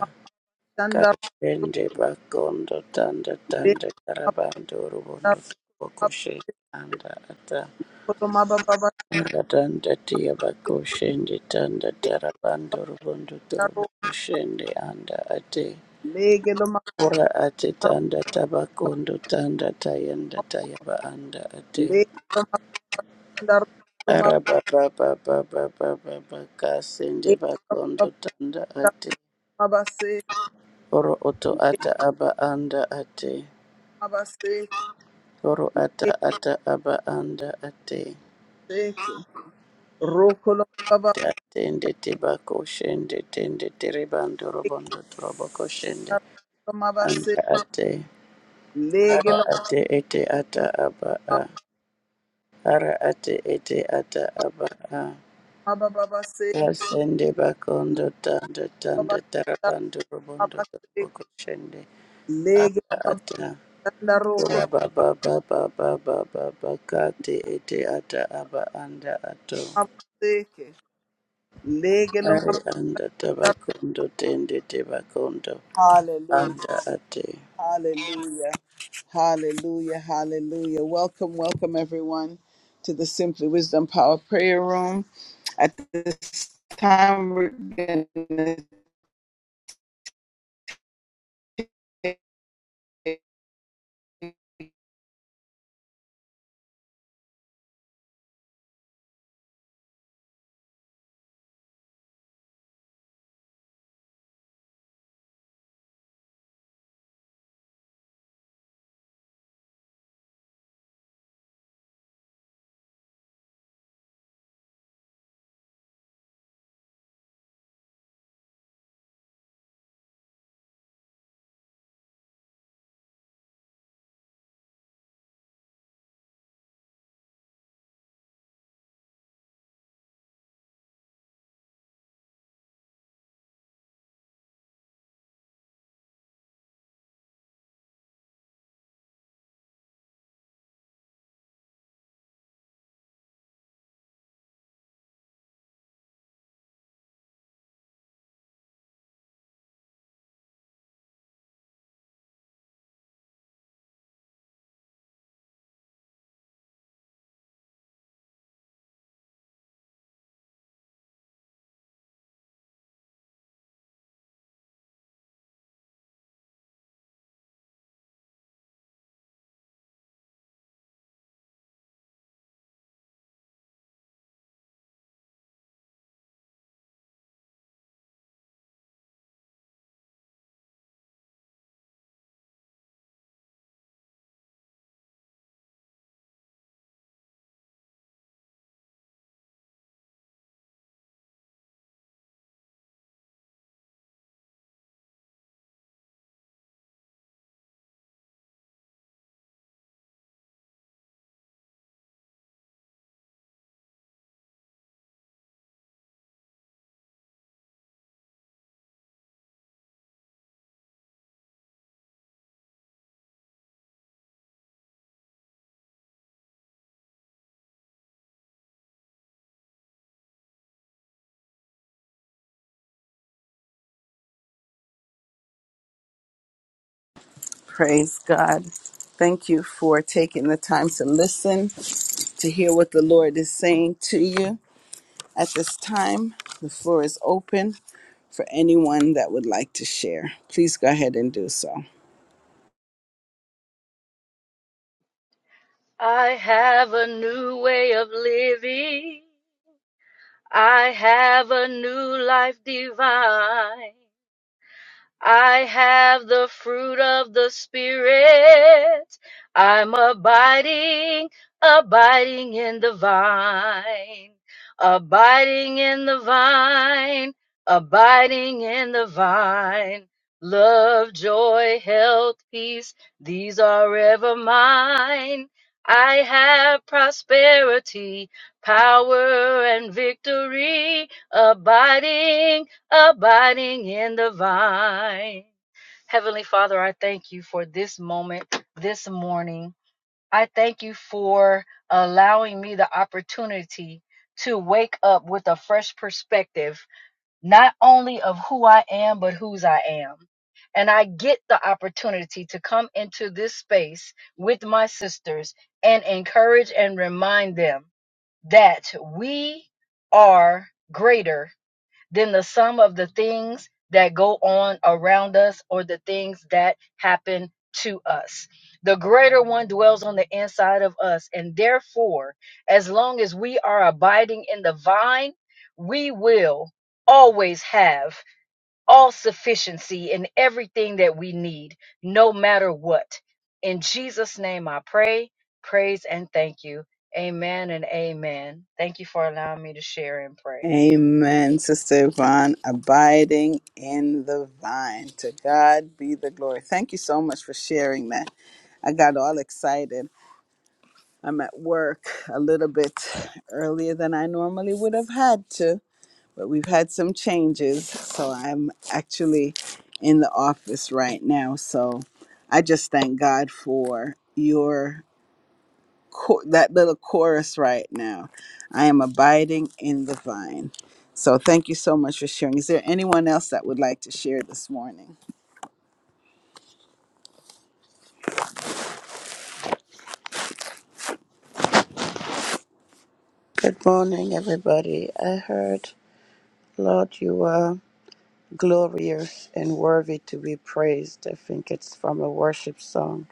S1: shandaro
S4: kashende bakondo tanda tanda tarabando rubondo
S1: mababa
S4: torobo kushende anda ata
S1: makolo mababa
S4: Ratanda tia bakoshende tanda
S1: basharo
S4: tarabando rubondo turuboshende anda ate
S1: legelo
S4: ora ate
S1: mabaro
S4: tanda tabakondo tanda tayanda tayaba anda ate
S1: legelo mabaro mababa
S4: araba baba baba baba bakasende bakondo tanda ate
S1: mabase
S4: oro oto ata aba anda ate
S1: mabase
S4: oro ata ata aba anda ate
S1: ekse rokolo mababa
S4: Tende tibakoshende tende teribando rubondo turubokoshende
S1: ekaro mabase
S4: anda ate ara
S1: legelo
S4: ate ete ata aba a ara ate ete ata aba a
S1: mababa base
S4: kasende bakondo tanda tanda
S1: mababa
S4: tarabando robondo
S1: mabase
S4: toroboko shende
S1: legelo
S4: ata ata
S1: mababa rokolo
S4: ora baba baba baba baba kate ete ata aba anda ato
S1: mabase
S4: ari
S1: Legeloma-
S4: anda tabakondo tende tebakondo
S1: Hallelujah.
S4: anda ate
S1: Hallelujah. Hallelujah. Hallelujah. Welcome, welcome everyone to the Simply Wisdom Power Prayer Room. At this time, we're going to praise God. Thank you for taking the time to listen, to hear what the Lord is saying to you. At this time, the floor is open for anyone that would like to share. Please go ahead and do so.
S5: I have a new way of living. I have a new life divine. I have the fruit of the Spirit. I'm abiding, abiding in the vine, abiding in the vine, abiding in the vine. Love, joy, health, peace, these are ever mine. I have prosperity, power, and victory, abiding abiding in the vine. Heavenly Father, I thank you for this moment, this morning. I thank you for allowing me the opportunity to wake up with a fresh perspective, not only of who I am, but whose I am. And I get the opportunity to come into this space with my sisters and encourage and remind them that we are greater than the sum of the things that go on around us or the things that happen to us. The greater one dwells on the inside of us. And therefore, as long as we are abiding in the vine, we will always have all sufficiency in everything that we need, no matter what. In Jesus' name, I pray, praise, and thank you. Amen and amen. Thank you for allowing me to share and pray.
S1: Amen, Sister Yvonne, abiding in the vine. To God be the glory. Thank you so much for sharing that. I got all excited. I'm at work a little bit earlier than I normally would have had to, but we've had some changes. So I'm actually in the office right now. So I just thank God for your cho- that little chorus right now. I am abiding in the vine. So thank you so much for sharing. Is there anyone else that would like to share this morning?
S4: Good morning, everybody. I heard, Lord, you are. glorious and worthy to be praised. I think it's from a worship song.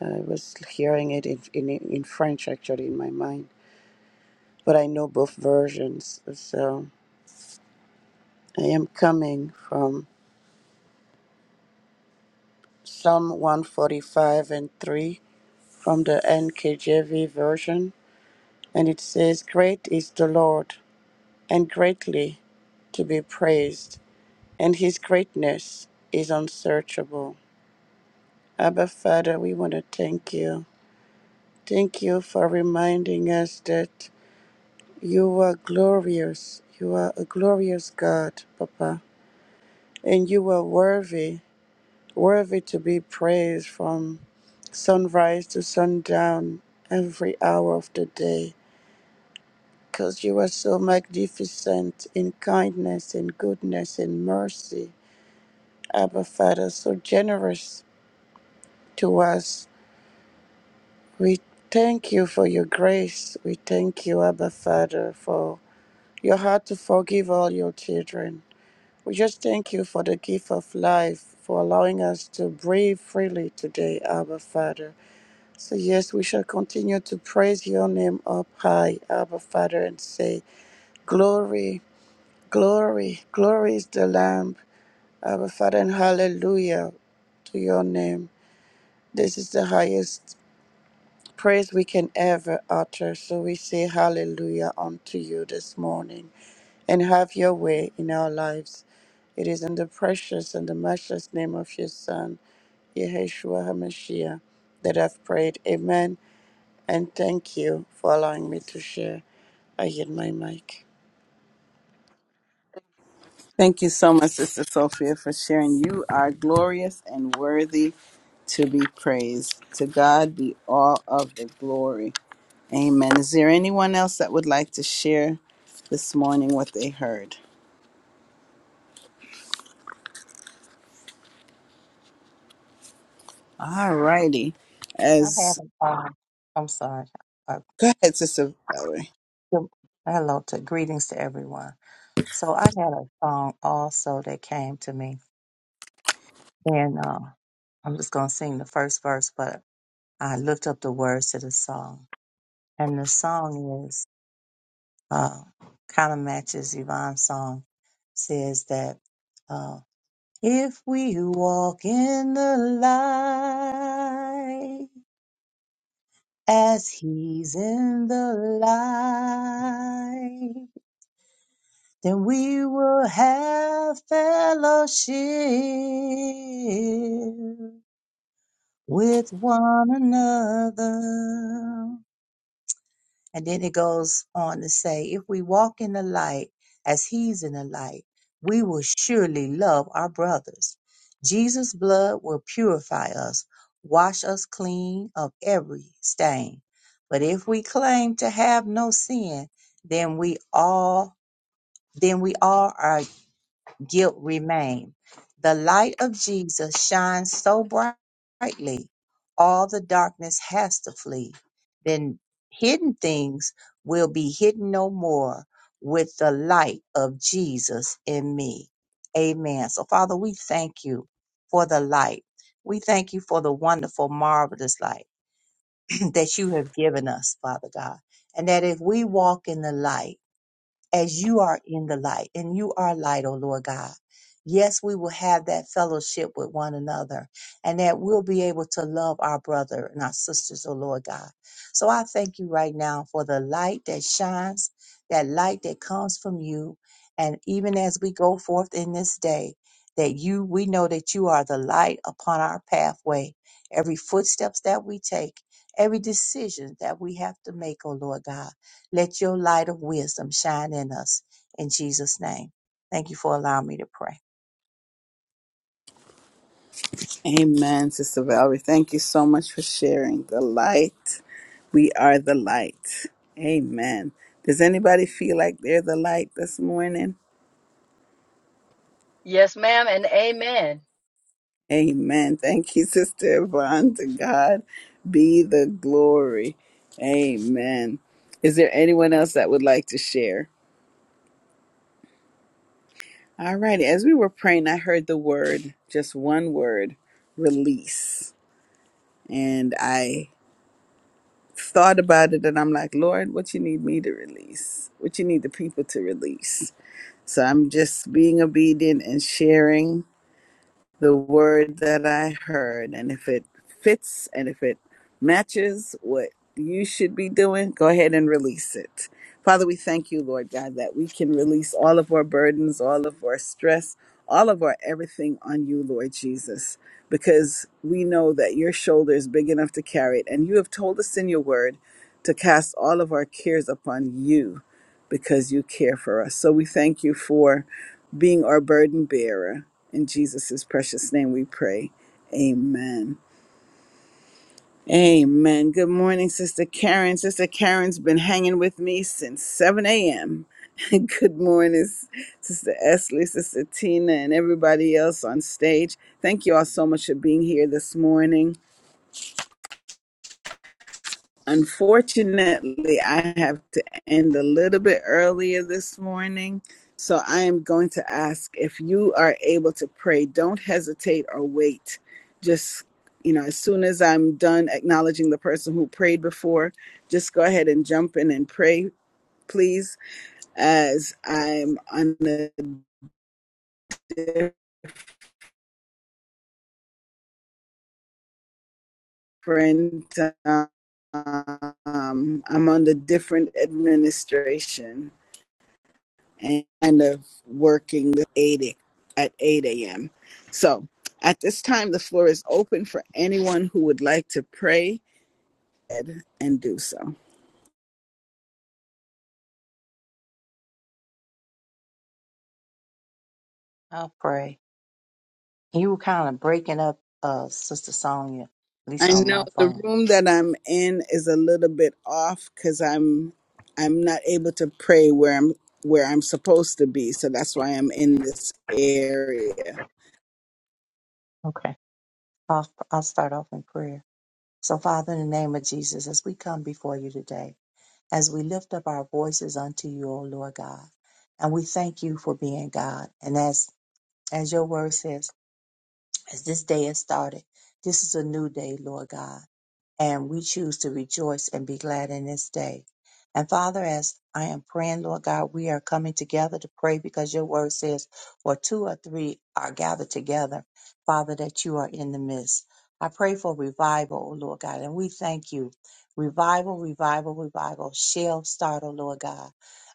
S4: I was hearing it in, in, in French actually in my mind, but I know both versions. So I am coming from Psalm 145 and 3 from the NKJV version, and it says, Great is the Lord, and greatly to be praised, and his greatness is unsearchable. Abba, Father, we want to thank you. Thank you for reminding us that you are glorious. You are a glorious God, Papa. And you are worthy, worthy to be praised from sunrise to sundown, every hour of the day. Because you are so magnificent in kindness and goodness and mercy. Abba Father, so generous to us. We thank you for your grace. We thank you, Abba Father, for your heart to forgive all your children. We just thank you for the gift of life, for allowing us to breathe freely today, Abba Father. So, yes, we shall continue to praise your name up high, Abba Father, and say, Glory, glory, glory is the Lamb, Abba Father, and hallelujah to your name. This is the highest praise we can ever utter. So, we say, Hallelujah unto you this morning, and have your way in our lives. It is in the precious and the matchless name of your Son, Yeshua HaMashiach, that I've prayed. Amen. And thank you for allowing me to share. I hit my mic.
S1: Thank you so much, Sister Sophia, for sharing. You are glorious and worthy to be praised. To God be all of the glory. Amen. Is there anyone else that would like to share this morning what they heard? All righty.
S2: I
S1: As
S2: haven't um I'm sorry uh,
S1: go ahead, Sister Valerie.
S2: good- hello to greetings to everyone so I had a song also that came to me and uh, I'm just gonna sing the first verse but I looked up the words to the song and the song is uh, kind of matches Yvonne's song. Says that uh, if we walk in the light as He's in the light, then we will have fellowship with one another. And then it goes on to say, if we walk in the light as he's in the light, we will surely love our brothers. Jesus' blood will purify us, wash us clean of every stain. But if we claim to have no sin, then we all then we all are guilt remain. The light of Jesus shines so brightly, all the darkness has to flee. Then hidden things will be hidden no more with the light of Jesus in me. Amen. So, Father, we thank you for the light. We thank you for the wonderful, marvelous light that you have given us, Father God. And that if we walk in the light, as you are in the light, and you are light, O Lord God. Yes, we will have that fellowship with one another, and that we'll be able to love our brother and our sisters, O Lord God. So I thank you right now for the light that shines, that light that comes from you. And even as we go forth in this day, that you, we know that you are the light upon our pathway, every footsteps that we take, every decision that we have to make, O Lord God. Let your light of wisdom shine in us in Jesus' name. Thank you for allowing me to pray.
S1: Amen, Sister Valerie. Thank you so much for sharing the light. We are the light. Amen. Does anybody feel like they're the light this morning?
S5: Yes, ma'am, and amen.
S1: Amen. Thank you, Sister Yvonne. To God be the glory. Amen. Is there anyone else that would like to share? All righty. As we were praying, I heard the word, just one word, release. And I thought about it and I'm like, Lord, what you need me to release? What you need the people to release? So I'm just being obedient and sharing the word that I heard. And if it fits and if it matches what you should be doing, go ahead and release it. Father, we thank you, Lord God, that we can release all of our burdens, all of our stress, all of our everything on you, Lord Jesus, because we know that your shoulder is big enough to carry it. And you have told us in your word to cast all of our cares upon you because you care for us. So we thank you for being our burden bearer. In Jesus' precious name we pray. Amen. Amen. Good morning, Sister Karen. Sister Karen's been hanging with me since 7 a.m. Good morning, Sister Esley, Sister Tina, and everybody else on stage. Thank you all so much for being here this morning. Unfortunately, I have to end a little bit earlier this morning. So I am going to ask if you are able to pray, don't hesitate or wait. Just, you know, as soon as I'm done acknowledging the person who prayed before, just go ahead and jump in and pray, please, as I'm on a different, um, I'm on the different administration. and kind of working the 8 at 8 a.m. So at this time, the floor is open for anyone who would like to pray and do so.
S2: I'll pray. You were kind of breaking up, uh, Sister Sonia, at
S1: I
S2: least on
S1: know
S2: my
S1: the
S2: phone.
S1: room that I'm in is a little bit off because I'm I'm not able to pray where I'm where I'm supposed to be, so that's why I'm in this area.
S2: Okay. I'll, I'll start off in prayer. So, Father, in the name of Jesus, as we come before you today, as we lift up our voices unto you, O Lord God, and we thank you for being God. And as as your word says, as this day has started, this is a new day, Lord God. and we choose to rejoice and be glad in this day. And Father, as I am praying, Lord God, we are coming together to pray because your word says, where two or three are gathered together, Father, that you are in the midst. I pray for revival, O Lord God, and we thank you. Revival, revival, revival shall start, O Lord God,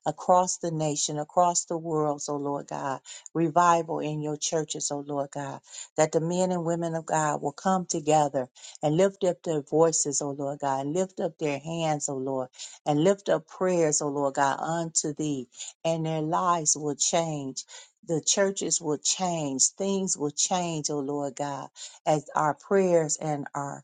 S2: across the nation, across the world, O Lord God. Revival in your churches, O Lord God, that the men and women of God will come together and lift up their voices, O Lord God, and lift up their hands, O Lord, and lift up prayers, O Lord God, unto thee, and their lives will change. The churches will change, things will change, O Lord God, as our prayers and our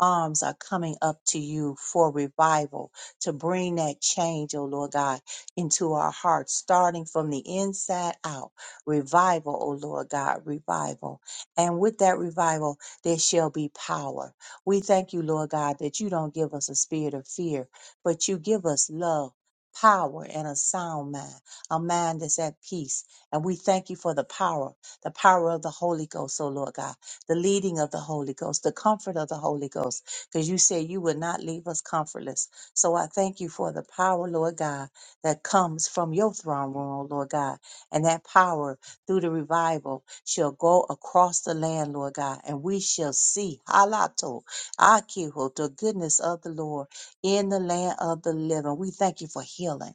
S2: arms are coming up to you for revival, to bring that change, oh Lord God, into our hearts, starting from the inside out. Revival, oh Lord God, revival. And with that revival, there shall be power. We thank you, Lord God, that you don't give us a spirit of fear, but you give us love. Power and a sound mind, a mind that's at peace. And we thank you for the power, the power of the Holy Ghost, oh Lord God the leading of the Holy Ghost, the comfort of the Holy Ghost, because you said you would not leave us comfortless. So I thank you for the power, Lord God, that comes from your throne room, oh Lord God. And that power through the revival shall go across the land, Lord God, and we shall see halato, akiho, the goodness of the Lord in the land of the living. We thank you for healing.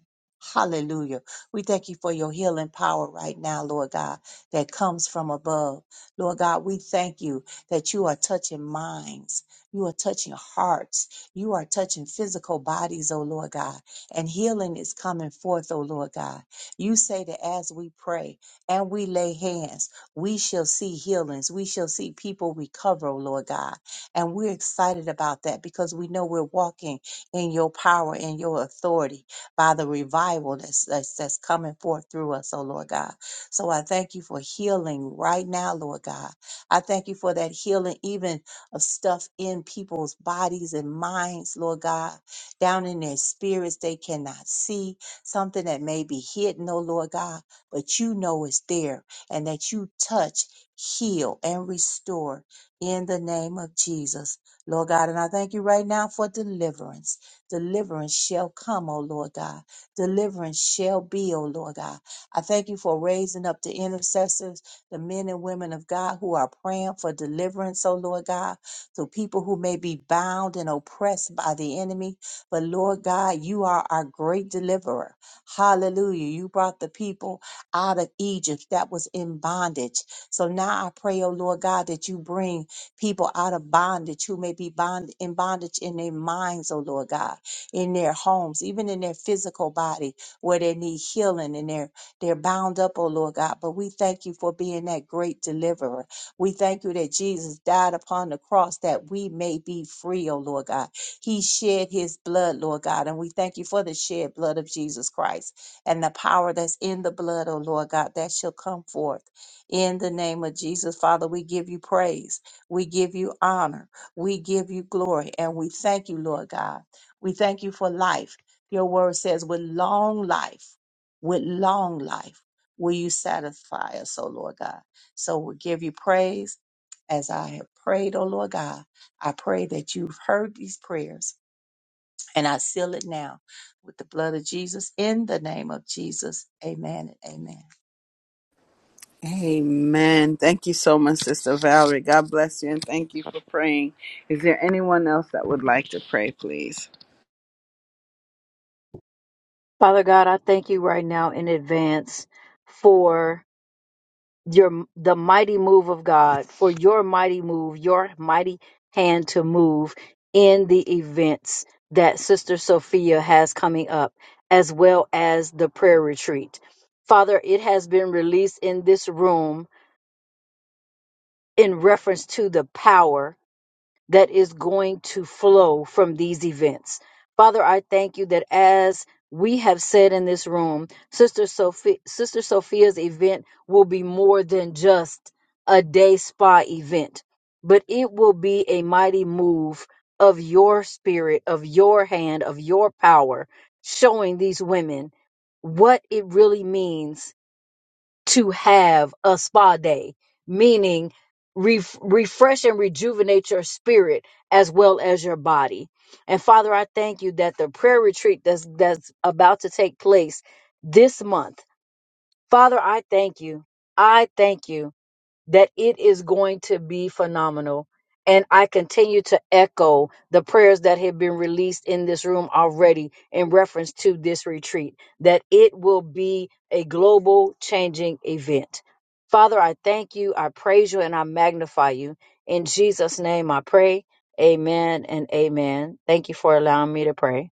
S2: Hallelujah. We thank you for your healing power right now, Lord God, that comes from above. Lord God, we thank you that you are touching minds. You are touching hearts. You are touching physical bodies, oh Lord God. And healing is coming forth, oh Lord God. You say that as we pray and we lay hands, we shall see healings. We shall see people recover, oh Lord God. And we're excited about that because we know we're walking in your power and your authority by the revival that's, that's, that's coming forth through us, oh Lord God. So I thank you for healing right now, Lord God. I thank you for that healing, even of stuff in people's bodies and minds, Lord God, down in their spirits they cannot see, something that may be hidden, oh Lord God, but you know it's there and that you touch, heal, and restore in the name of Jesus, Lord God. And I thank you right now for deliverance. Deliverance shall come, oh Lord God. Deliverance shall be, oh Lord God. I thank you for raising up the intercessors, the men and women of God who are praying for deliverance, oh Lord God, to people who may be bound and oppressed by the enemy. But Lord God, you are our great deliverer. Hallelujah. You brought the people out of Egypt that was in bondage. So now I pray, oh Lord God, that you bring people out of bondage who may be bond in bondage in their minds, oh Lord God, in their homes, even in their physical body, where they need healing in their they're bound up, oh Lord God. But we thank you for being that great deliverer. We thank you that Jesus died upon the cross that we may be free, oh Lord God. He shed his blood, Lord God. And we thank you for the shed blood of Jesus Christ and the power that's in the blood, oh Lord God, that shall come forth. In the name of Jesus, Father, we give you praise. We give you honor. We give you glory. And we thank you, Lord God. We thank you for life. Your word says, with long life with long life will you satisfy us, O Lord God. So we give you praise as I have prayed, O Lord God. I pray that you've heard these prayers and I seal it now with the blood of Jesus in the name of Jesus. Amen and amen.
S1: Amen. Thank you so much, Sister Valerie. God bless you, and thank you for praying. Is there anyone else that would like to pray, please?
S5: Father God, I thank you right now in advance for your the mighty move of God, for your mighty move, your mighty hand to move in the events that Sister Sophia has coming up, as well as the prayer retreat. Father, it has been released in this room in reference to the power that is going to flow from these events. Father, I thank you that as we have said in this room, Sister Sophia, Sister Sophia's event will be more than just a day spa event, but it will be a mighty move of your spirit, of your hand, of your power, showing these women what it really means to have a spa day, meaning re- refresh and rejuvenate your spirit as well as your body. And Father, I thank you that the prayer retreat that's that's about to take place this month. Father, I thank you. I thank you that it is going to be phenomenal. And I continue to echo the prayers that have been released in this room already in reference to this retreat, that it will be a global changing event. Father, I thank you, I praise you, and I magnify you. In Jesus' name I pray. Amen and amen. Thank you for allowing me to pray.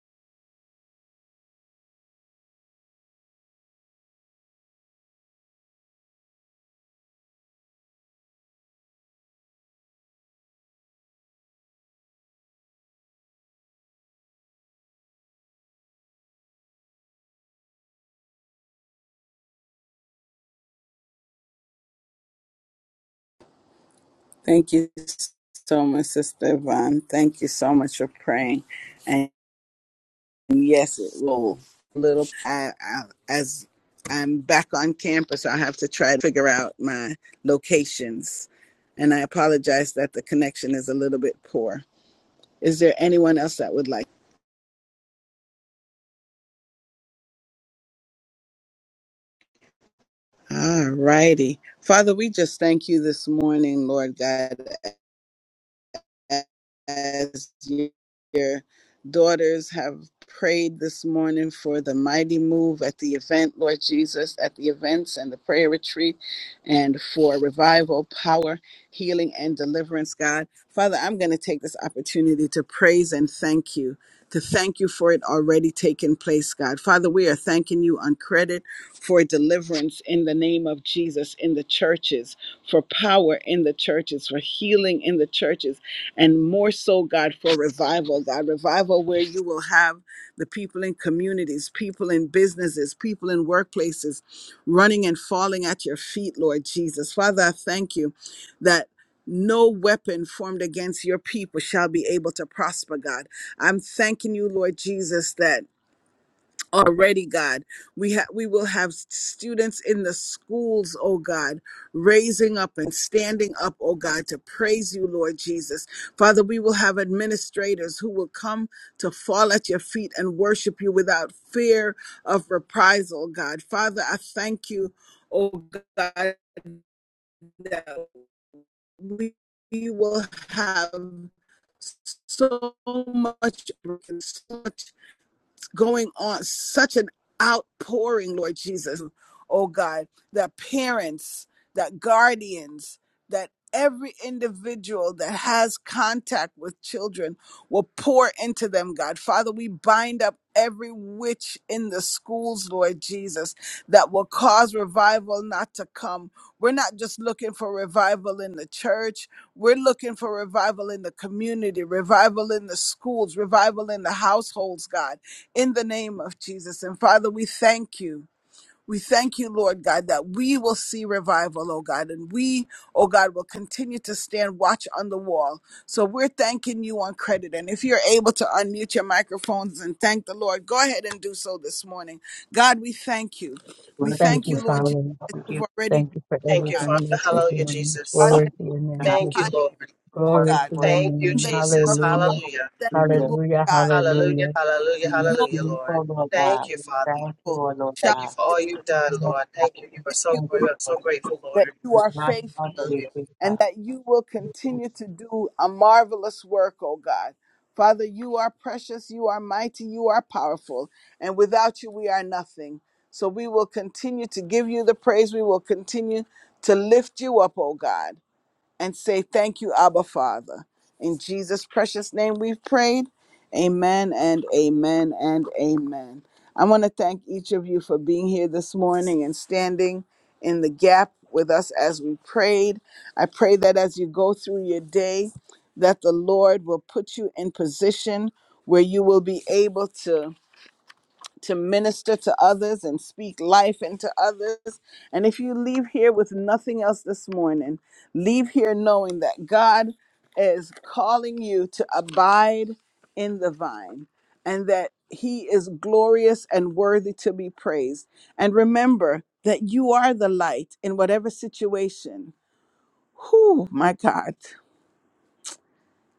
S1: Thank you so much, Sister Yvonne. Thank you so much for praying. And yes, it will. Little, I, I, as I'm back on campus, i have to try to figure out my locations. And I apologize that the connection is a little bit poor. Is there anyone else that would like? All righty. Father, we just thank you this morning, Lord God, as your daughters have prayed this morning for the mighty move at the event, Lord Jesus, at the events and the prayer retreat, and for revival, power, healing, and deliverance, God. Father, I'm going to take this opportunity to praise and thank you. To thank you for it already taking place, God. Father, we are thanking you on credit for deliverance in the name of Jesus in the churches, for power in the churches, for healing in the churches, and more so, God, for revival, God, revival where you will have the people in communities, people in businesses, people in workplaces running and falling at your feet, Lord Jesus. Father, I thank you that. No weapon formed against your people shall be able to prosper, God. I'm thanking you, Lord Jesus, that already god we have we will have students in the schools oh god raising up and standing up oh god to praise you lord jesus father we will have administrators who will come to fall at your feet and worship you without fear of reprisal god father i thank you oh god that we we will have so much, so much going on such an outpouring, Lord Jesus, oh God, that parents, that guardians, that every individual that has contact with children will pour into them, God. Father, we bind up every witch in the schools, Lord Jesus, that will cause revival not to come. We're not just looking for revival in the church, we're looking for revival in the community, revival in the schools, revival in the households, God in the name of Jesus. And Father, we thank you. We thank you, Lord God, that we will see revival, oh God, and we, oh God, will continue to stand watch on the wall. So we're thanking you on credit. And if you're able to unmute your microphones and thank the Lord, go ahead and do so this morning. God, we thank you. We
S2: Bless the
S5: Thank
S1: thank
S5: you,
S1: you,
S2: Lord,
S1: Lord
S2: Lord
S1: Jesus,
S5: Father.
S2: God.
S1: that
S2: We give
S1: you've
S2: you,
S1: already
S5: Thank you for
S6: Thank
S2: Lord
S6: you,
S2: God,
S1: done that.
S6: Father.
S5: everything that
S1: We
S5: you're
S1: thank
S6: Hallelujah,
S5: doing.
S1: God
S6: Jesus.
S1: that
S5: Glory to your
S1: you're
S5: name,
S2: God,
S1: working
S6: Thank you,
S1: behind,
S5: Jesus.
S1: us,
S6: Lord.
S1: oh
S5: Glory
S2: worthy,
S1: God.
S5: to your
S2: worthy,
S6: Thank you,
S1: In the
S5: name.
S1: name
S6: Jesus.
S1: of
S5: Hallelujah.
S6: Hallelujah.
S1: thank you,
S2: hallelujah.
S1: Lord
S5: Hallelujah,
S1: God.
S6: Hallelujah.
S5: hallelujah.
S6: Hallelujah.
S2: We lift
S1: No
S6: Hallelujah,
S2: you
S6: Lord.
S2: up, Lord
S6: Thank
S2: God.
S6: you,
S2: We
S6: Father.
S2: thank you,
S1: evil
S2: Lord
S1: shall
S6: Thank you
S2: God.
S6: for
S1: be
S6: all
S1: able to
S6: you've done,
S2: We
S6: Lord. Thank you. You are
S1: thank
S6: so
S1: you.
S6: great. I'm so grateful,
S1: that
S6: Lord.
S1: you are
S2: thank
S1: faithful
S6: Hallelujah.
S2: you for the
S1: and that you will continue to do a marvelous work, oh God. Father, you are precious, you are mighty, you are powerful, and without you, we are nothing. So we will continue to give you the praise. We will continue to lift you up, oh God and say thank you, Abba Father. In Jesus' precious name we've prayed. Amen and amen and amen. I want to thank each of you for being here this morning and standing in the gap with us as we prayed. I pray that as you go through your day, that the Lord will put you in position where you will be able to to minister to others and speak life into others. And if you leave here with nothing else this morning, leave here knowing that God is calling you to abide in the vine and that He is glorious and worthy to be praised. And remember that you are the light in whatever situation. Whew, my God.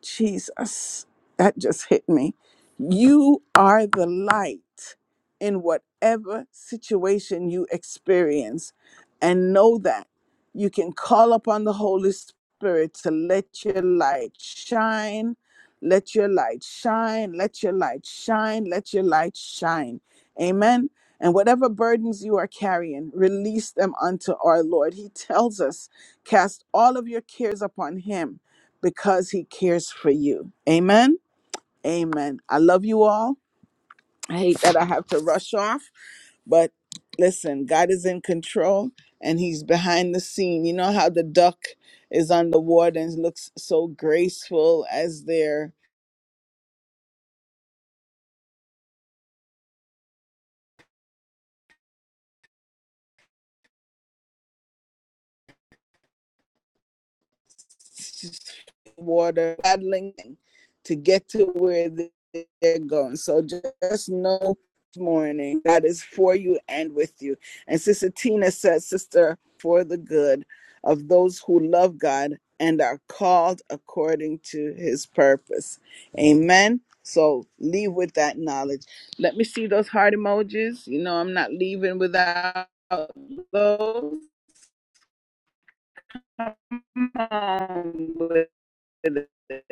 S1: Jesus, that just hit me. You are the light in whatever situation you experience, and know that you can call upon the Holy Spirit to let your light shine. Let your light shine. Let your light shine. Let your light shine. Amen. And whatever burdens you are carrying, release them unto our Lord. He tells us, cast all of your cares upon Him because he cares for you. Amen. Amen. I love you all. I hate that I have to rush off, but listen, God is in control and he's behind the scene. You know how the duck is on the water and looks so graceful as they're water paddling to get to where they- are going. So just know this morning God is for you and with you. And Sister Tina said, Sister, for the good of those who love God and are called according to his purpose. Amen. So leave with that knowledge. Let me see those heart emojis. You know, I'm not leaving without those. Come on with it.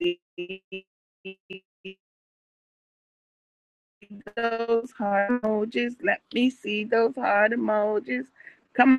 S1: see those heart emojis. Let me see those heart emojis. Come